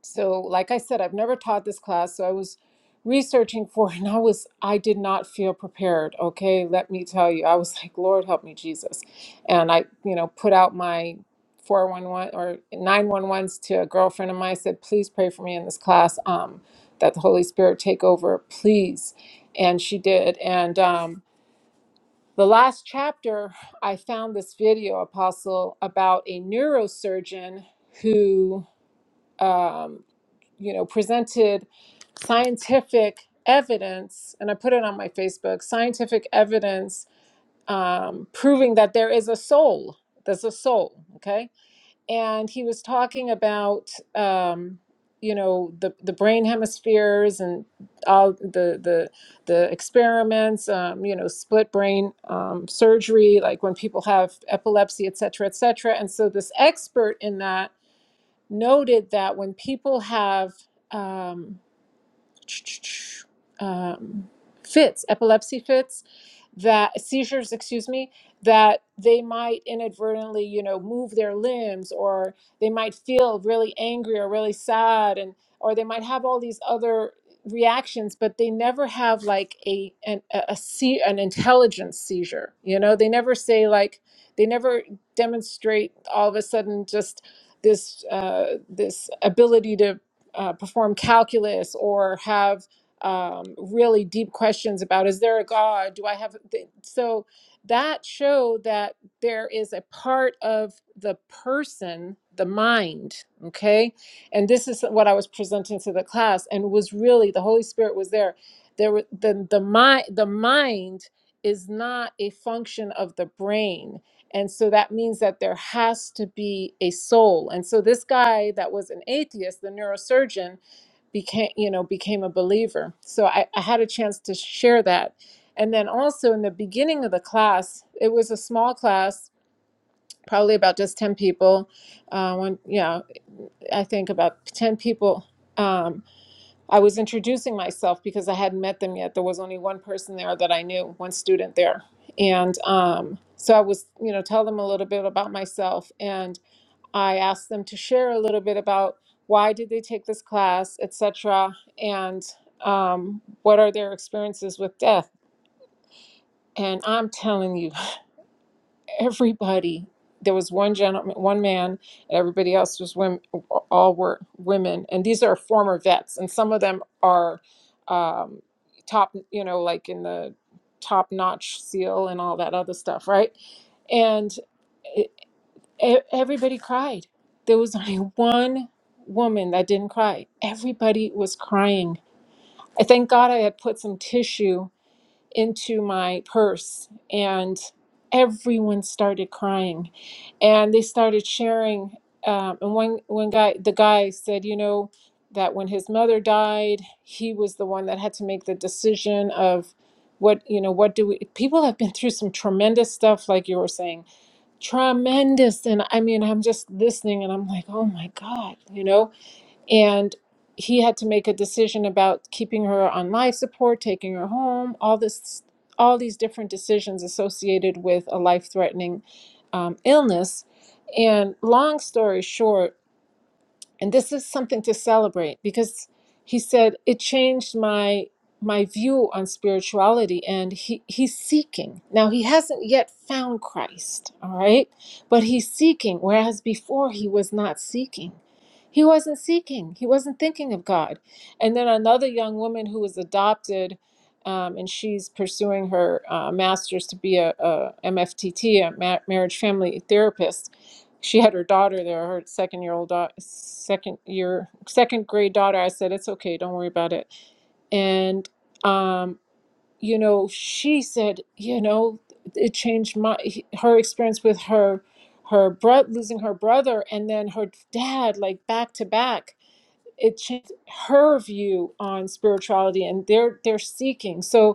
Speaker 7: so, like I said, I've never taught this class, so I was researching for it and I was I did not feel prepared, okay? Let me tell you. I was like, "Lord, help me, Jesus." And I, you know, put out my 411 or nine one ones to a girlfriend of mine. I said, "Please pray for me in this class um that the Holy Spirit take over, please." And she did. And um the last chapter, I found this video, Apostle, about a neurosurgeon who um you know, presented scientific evidence, and I put it on my Facebook, scientific evidence um, proving that there is a soul. There's a soul, okay? And he was talking about, um, you know, the, the brain hemispheres and all the the the experiments, um, you know, split brain um, surgery, like when people have epilepsy, et cetera, et cetera. And so this expert in that noted that when people have um, um, fits, epilepsy fits that seizures, excuse me, that they might inadvertently, you know, move their limbs or they might feel really angry or really sad and or they might have all these other reactions but they never have like a an a, a see an intelligence seizure you know they never say like they never demonstrate all of a sudden just this uh, this ability to uh, perform calculus or have um, really deep questions about is there a God? Do I have. Th- so that show that there is a part of the person, the mind, okay? And this is what I was presenting to the class and was really the Holy Spirit was there. There were the the mind the mind is not a function of the brain. And so that means that there has to be a soul. And so this guy that was an atheist, the neurosurgeon, became you know became a believer so I, I had a chance to share that and then also in the beginning of the class it was a small class probably about just 10 people uh, when you know i think about 10 people um, i was introducing myself because i hadn't met them yet there was only one person there that i knew one student there and um, so i was you know tell them a little bit about myself and. I asked them to share a little bit about why did they take this class, etc., and um, what are their experiences with death. And I'm telling you, everybody. There was one gentleman, one man, and everybody else was women. All were women, and these are former vets, and some of them are um, top, you know, like in the top-notch SEAL and all that other stuff, right? And E- Everybody cried. There was only one woman that didn't cry. Everybody was crying. I thank God I had put some tissue into my purse and everyone started crying and they started sharing um, and one one guy the guy said you know that when his mother died he was the one that had to make the decision of what you know what do we people have been through some tremendous stuff like you were saying tremendous and i mean i'm just listening and i'm like oh my god you know and he had to make a decision about keeping her on life support taking her home all this all these different decisions associated with a life threatening um, illness and long story short and this is something to celebrate because he said it changed my my view on spirituality and he he's seeking now he hasn't yet found christ all right but he's seeking whereas before he was not seeking he wasn't seeking he wasn't thinking of god and then another young woman who was adopted um, and she's pursuing her uh, master's to be a, mftt a ma- marriage family therapist she had her daughter there, her second year old, da, second year, second grade daughter. I said, it's okay, don't worry about it. And, um, you know, she said, you know, it changed my her experience with her her bro- losing her brother and then her dad like back to back it changed her view on spirituality and their their seeking so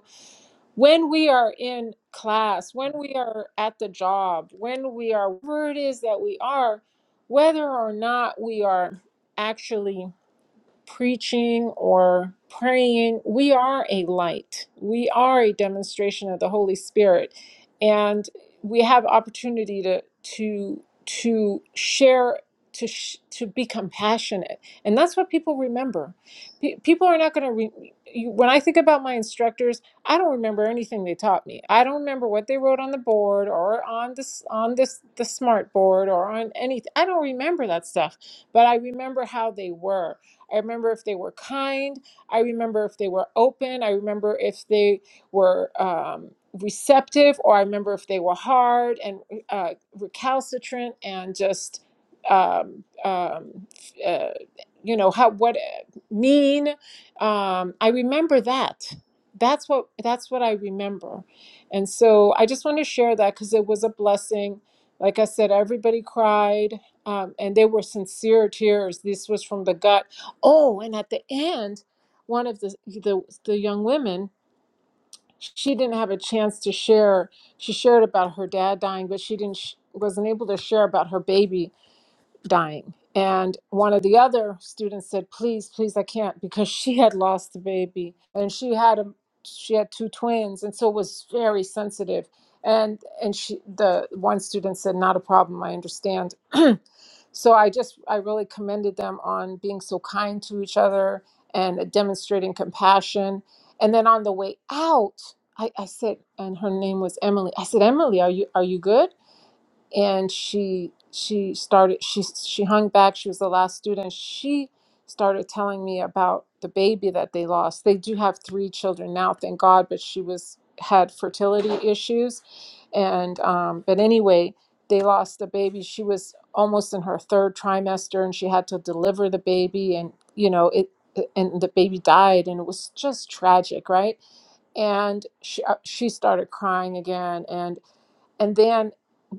Speaker 7: when we are in class, when we are at the job, when we are wherever it is that we are, whether or not we are actually preaching or praying, we are a light. We are a demonstration of the Holy Spirit. And we have opportunity to to to share to sh- to be compassionate. And that's what people remember. Pe- people are not going to re- you- when I think about my instructors, I don't remember anything they taught me. I don't remember what they wrote on the board or on this on this the smart board or on anything. I don't remember that stuff, but I remember how they were I remember if they were kind. I remember if they were open. I remember if they were um, receptive, or I remember if they were hard and uh, recalcitrant and just, um, um, uh, you know, how what uh, mean. Um, I remember that. That's what that's what I remember, and so I just want to share that because it was a blessing. Like I said, everybody cried, um, and they were sincere tears. This was from the gut Oh, and at the end, one of the the, the young women, she didn't have a chance to share. She shared about her dad dying, but she didn't sh- wasn't able to share about her baby dying. And one of the other students said, "Please, please, I can't," because she had lost the baby, and she had a she had two twins, and so was very sensitive. And and she the one student said, "Not a problem. I understand." so I just I really commended them on being so kind to each other and uh, demonstrating compassion. And then on the way out, I, I said, and her name was Emily. I said, "Emily, are you are you good?" and she she started she she hung back she was the last student she started telling me about the baby that they lost they do have three children now thank god but she was had fertility issues and um, but anyway they lost the baby she was almost in her third trimester and she had to deliver the baby and you know it and the baby died and it was just tragic right and she uh, she started crying again and and then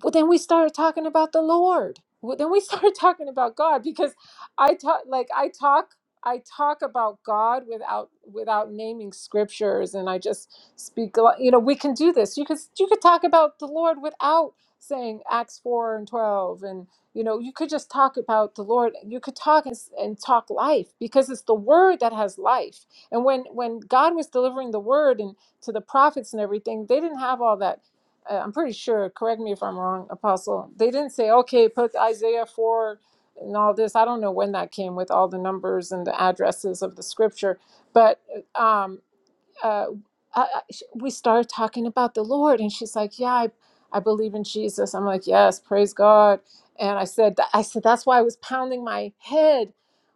Speaker 7: well, then we started talking about the lord Well, then we started talking about god because i talk like i talk i talk about god without without naming scriptures and i just speak a lot- you know we can do this you could you could talk about the lord without saying acts 4 and 12 and you know you could just talk about the lord you could talk and, s- and talk life because it's the word that has life and when when god was delivering the word and to the prophets and everything they didn't have all that uh, I'm pretty sure, correct me if I'm wrong, Apostle, they didn't say, okay, put Isaiah 4 and all this. I don't know when that came with all the numbers and the addresses of the scripture, but uh, um, uh, I, I- sh- we started talking about the Lord, and she's like, "Yeah, I, I believe in Jesus." I'm like, "Yes, praise God." And I said, tha- "I said that's why I was pounding my head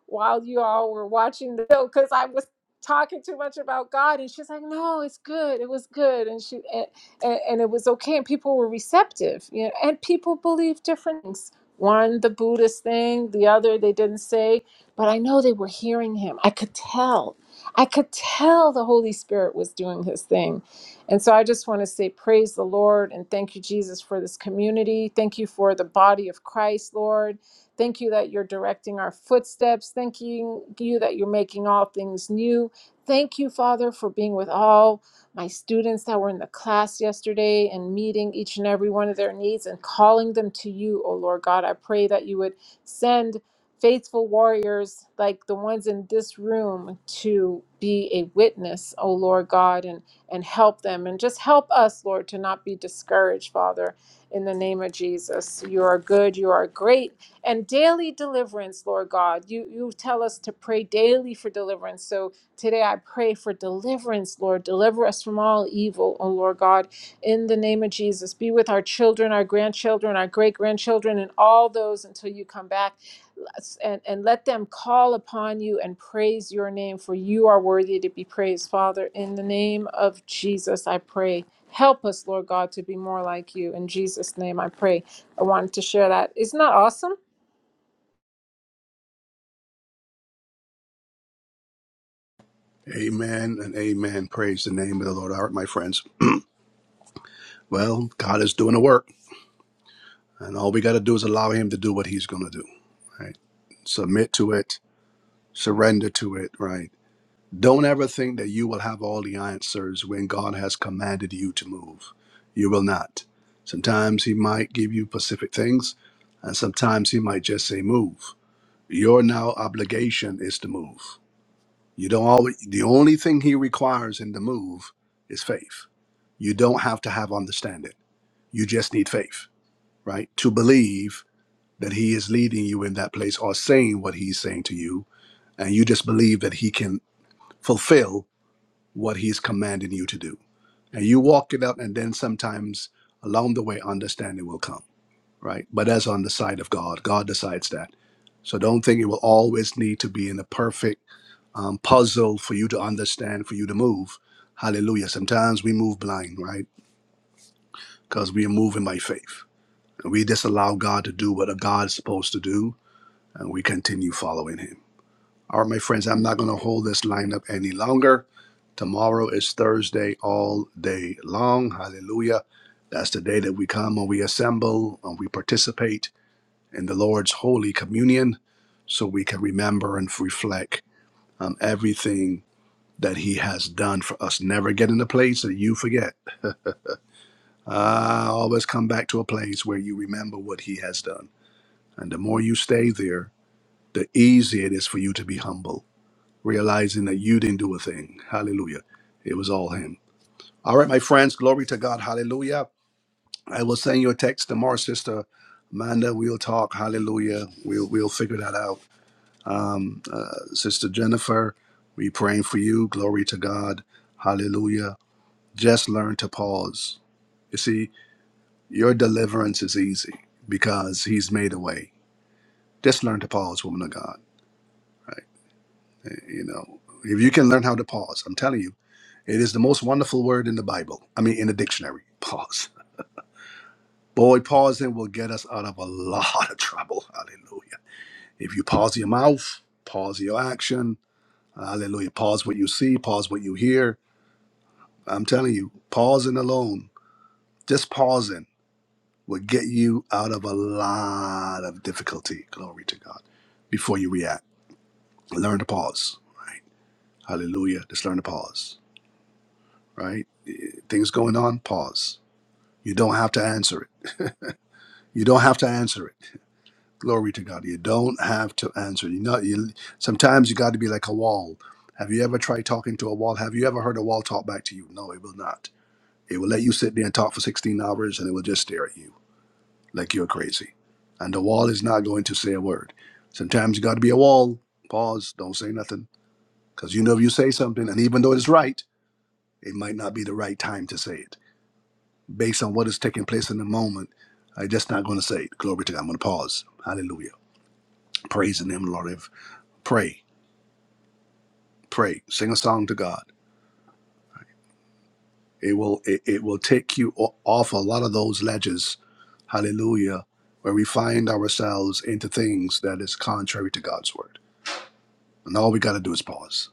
Speaker 7: while you all were watching the show because I was talking too much about God." And she's like, "No, it's good. It was good." And she and, and, and it was okay, and people were receptive. You know, and people believe different things. One, the Buddhist thing; the other, they didn't say. But I know they were hearing him. I could tell I could tell the Holy Spirit was doing his thing. And so I just want to say, praise the Lord and thank you, Jesus, for this community. Thank you for the body of Christ, Lord. Thank you that you're directing our footsteps. Thank you, you that you're making all things new. Thank you, Father, for being with all my students that were in the class yesterday and meeting each and every one of their needs and calling them to you, oh Lord God. I pray that you would send faithful warriors like the ones in this room to be a witness, oh Lord God, and, and help them. And just help us, Lord, to not be discouraged, Father, in the name of Jesus. You are good, you are great. And daily deliverance, Lord God. You you tell us to pray daily for deliverance. So today I pray for deliverance, Lord. Deliver us from all evil, oh Lord God, in the name of Jesus. Be with our children, our grandchildren, our great grandchildren, and all those until you come back and, and let them call upon you and praise your name, for you are worthy to be praised. Father, in the name of Jesus, I pray. Help us, Lord God, to be more like you. In Jesus' name, I pray. I wanted to share that. Isn't that awesome?
Speaker 1: Amen and amen. Praise the name of the Lord. All right, my friends. Well, God is doing the work, and all we got to do is allow Him to do what He's going to do. Right? Submit to it, surrender to it. Right? Don't ever think that you will have all the answers when God has commanded you to move. You will not. Sometimes He might give you specific things, and sometimes He might just say, "Move." Your now obligation is to move. You don't always, the only thing he requires in the move is faith. You don't have to have understanding. You just need faith, right? To believe that he is leading you in that place or saying what he's saying to you. And you just believe that he can fulfill what he's commanding you to do. And you walk it out, and then sometimes along the way, understanding will come right? But that's on the side of God. God decides that. So don't think it will always need to be in a perfect um, puzzle for you to understand, for you to move. Hallelujah. Sometimes we move blind, right? Because we are moving by faith. And we disallow God to do what a God's supposed to do, and we continue following Him. All right, my friends, I'm not going to hold this line up any longer. Tomorrow is Thursday all day long. Hallelujah. That's the day that we come and we assemble and we participate in the Lord's Holy Communion so we can remember and reflect on everything that He has done for us. Never get in a place that you forget. Ah, always come back to a place where you remember what He has done. And the more you stay there, the easier it is for you to be humble, realizing that you didn't do a thing. Hallelujah. It was all Him. All right, my friends, glory to God. Hallelujah. I will send you a text tomorrow, Sister Amanda. We'll talk. Hallelujah. We'll, we'll figure that out Um, uh, Sister Jennifer, we praying for you. Glory to God. Hallelujah. Just learn to pause. You see, your deliverance is easy because He's made a way. Just learn to pause, woman of God. Eh, You know, if you can learn how to pause, I'm telling you, it is the most wonderful word in the Bible. I mean, in the dictionary. Pause. Boy, pausing will get us out of a lot of trouble. Hallelujah. If you pause your mouth, pause your action. Hallelujah. Pause what you see, pause what you hear I'm telling you, pausing alone, just pausing will get you out of a lot of difficulty. Glory to God. Before you react, learn to pause. Right? Hallelujah. Just learn to pause. Right? Eh, Things going on, pause. You don't have to answer it. You don't have to answer it. Glory to God. You don't have to answer it. You know, you, sometimes you got to be like a wall. Have you ever tried talking to a wall? Have you ever heard a wall talk back to you? No, it will not. It will let you sit there and talk for 16 hours and it will just stare at you like you're crazy. And the wall is not going to say a word. Sometimes you got to be a wall. Pause. Don't say nothing. Because you know if you say something, and even though it's right, it might not be the right time to say it. Based on what is taking place in the moment, i am just not going to say it. Glory to God. I'm going to pause. Hallelujah. Praise the name, of the Lord. Pray. Pray. Sing a song to God. It will it, it will take you o- off a lot of those ledges. Hallelujah. Where we find ourselves into things that is contrary to God's word. And all we got to do is pause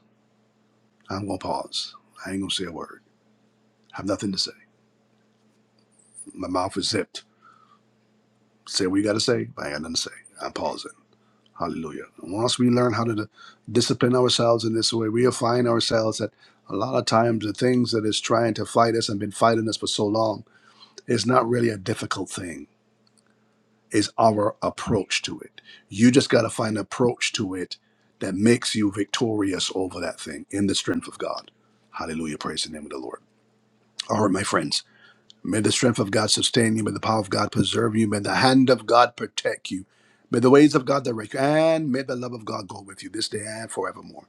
Speaker 1: I'm gonna pause. I ain't gonna say a word. I have nothing to say. My mouth is zipped. Say what you gotta say, but I ain't got nothing to say. I'm pausing. Hallelujah. And once we learn how to discipline ourselves in this way, we'll find ourselves that a lot of times the things that is trying to fight us and been fighting us for so long is not really a difficult thing. It's our approach to it. You just gotta find an approach to it that makes you victorious over that thing in the strength of God. Hallelujah. Praise the name of the Lord. All right, my friends. May the strength of God sustain you. May the power of God preserve you. May the hand of God protect you. May the ways of God direct you. And may the love of God go with you this day and forevermore.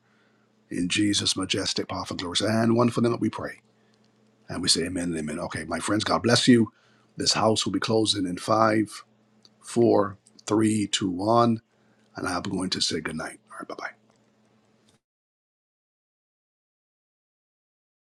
Speaker 1: In Jesus' majestic, powerful, glorious, and wonderful name that we pray. And we say amen and amen. Okay, my friends, God bless you. This house will be closing in five, four, three, two, one. And I'm going to say goodnight. All right, bye bye.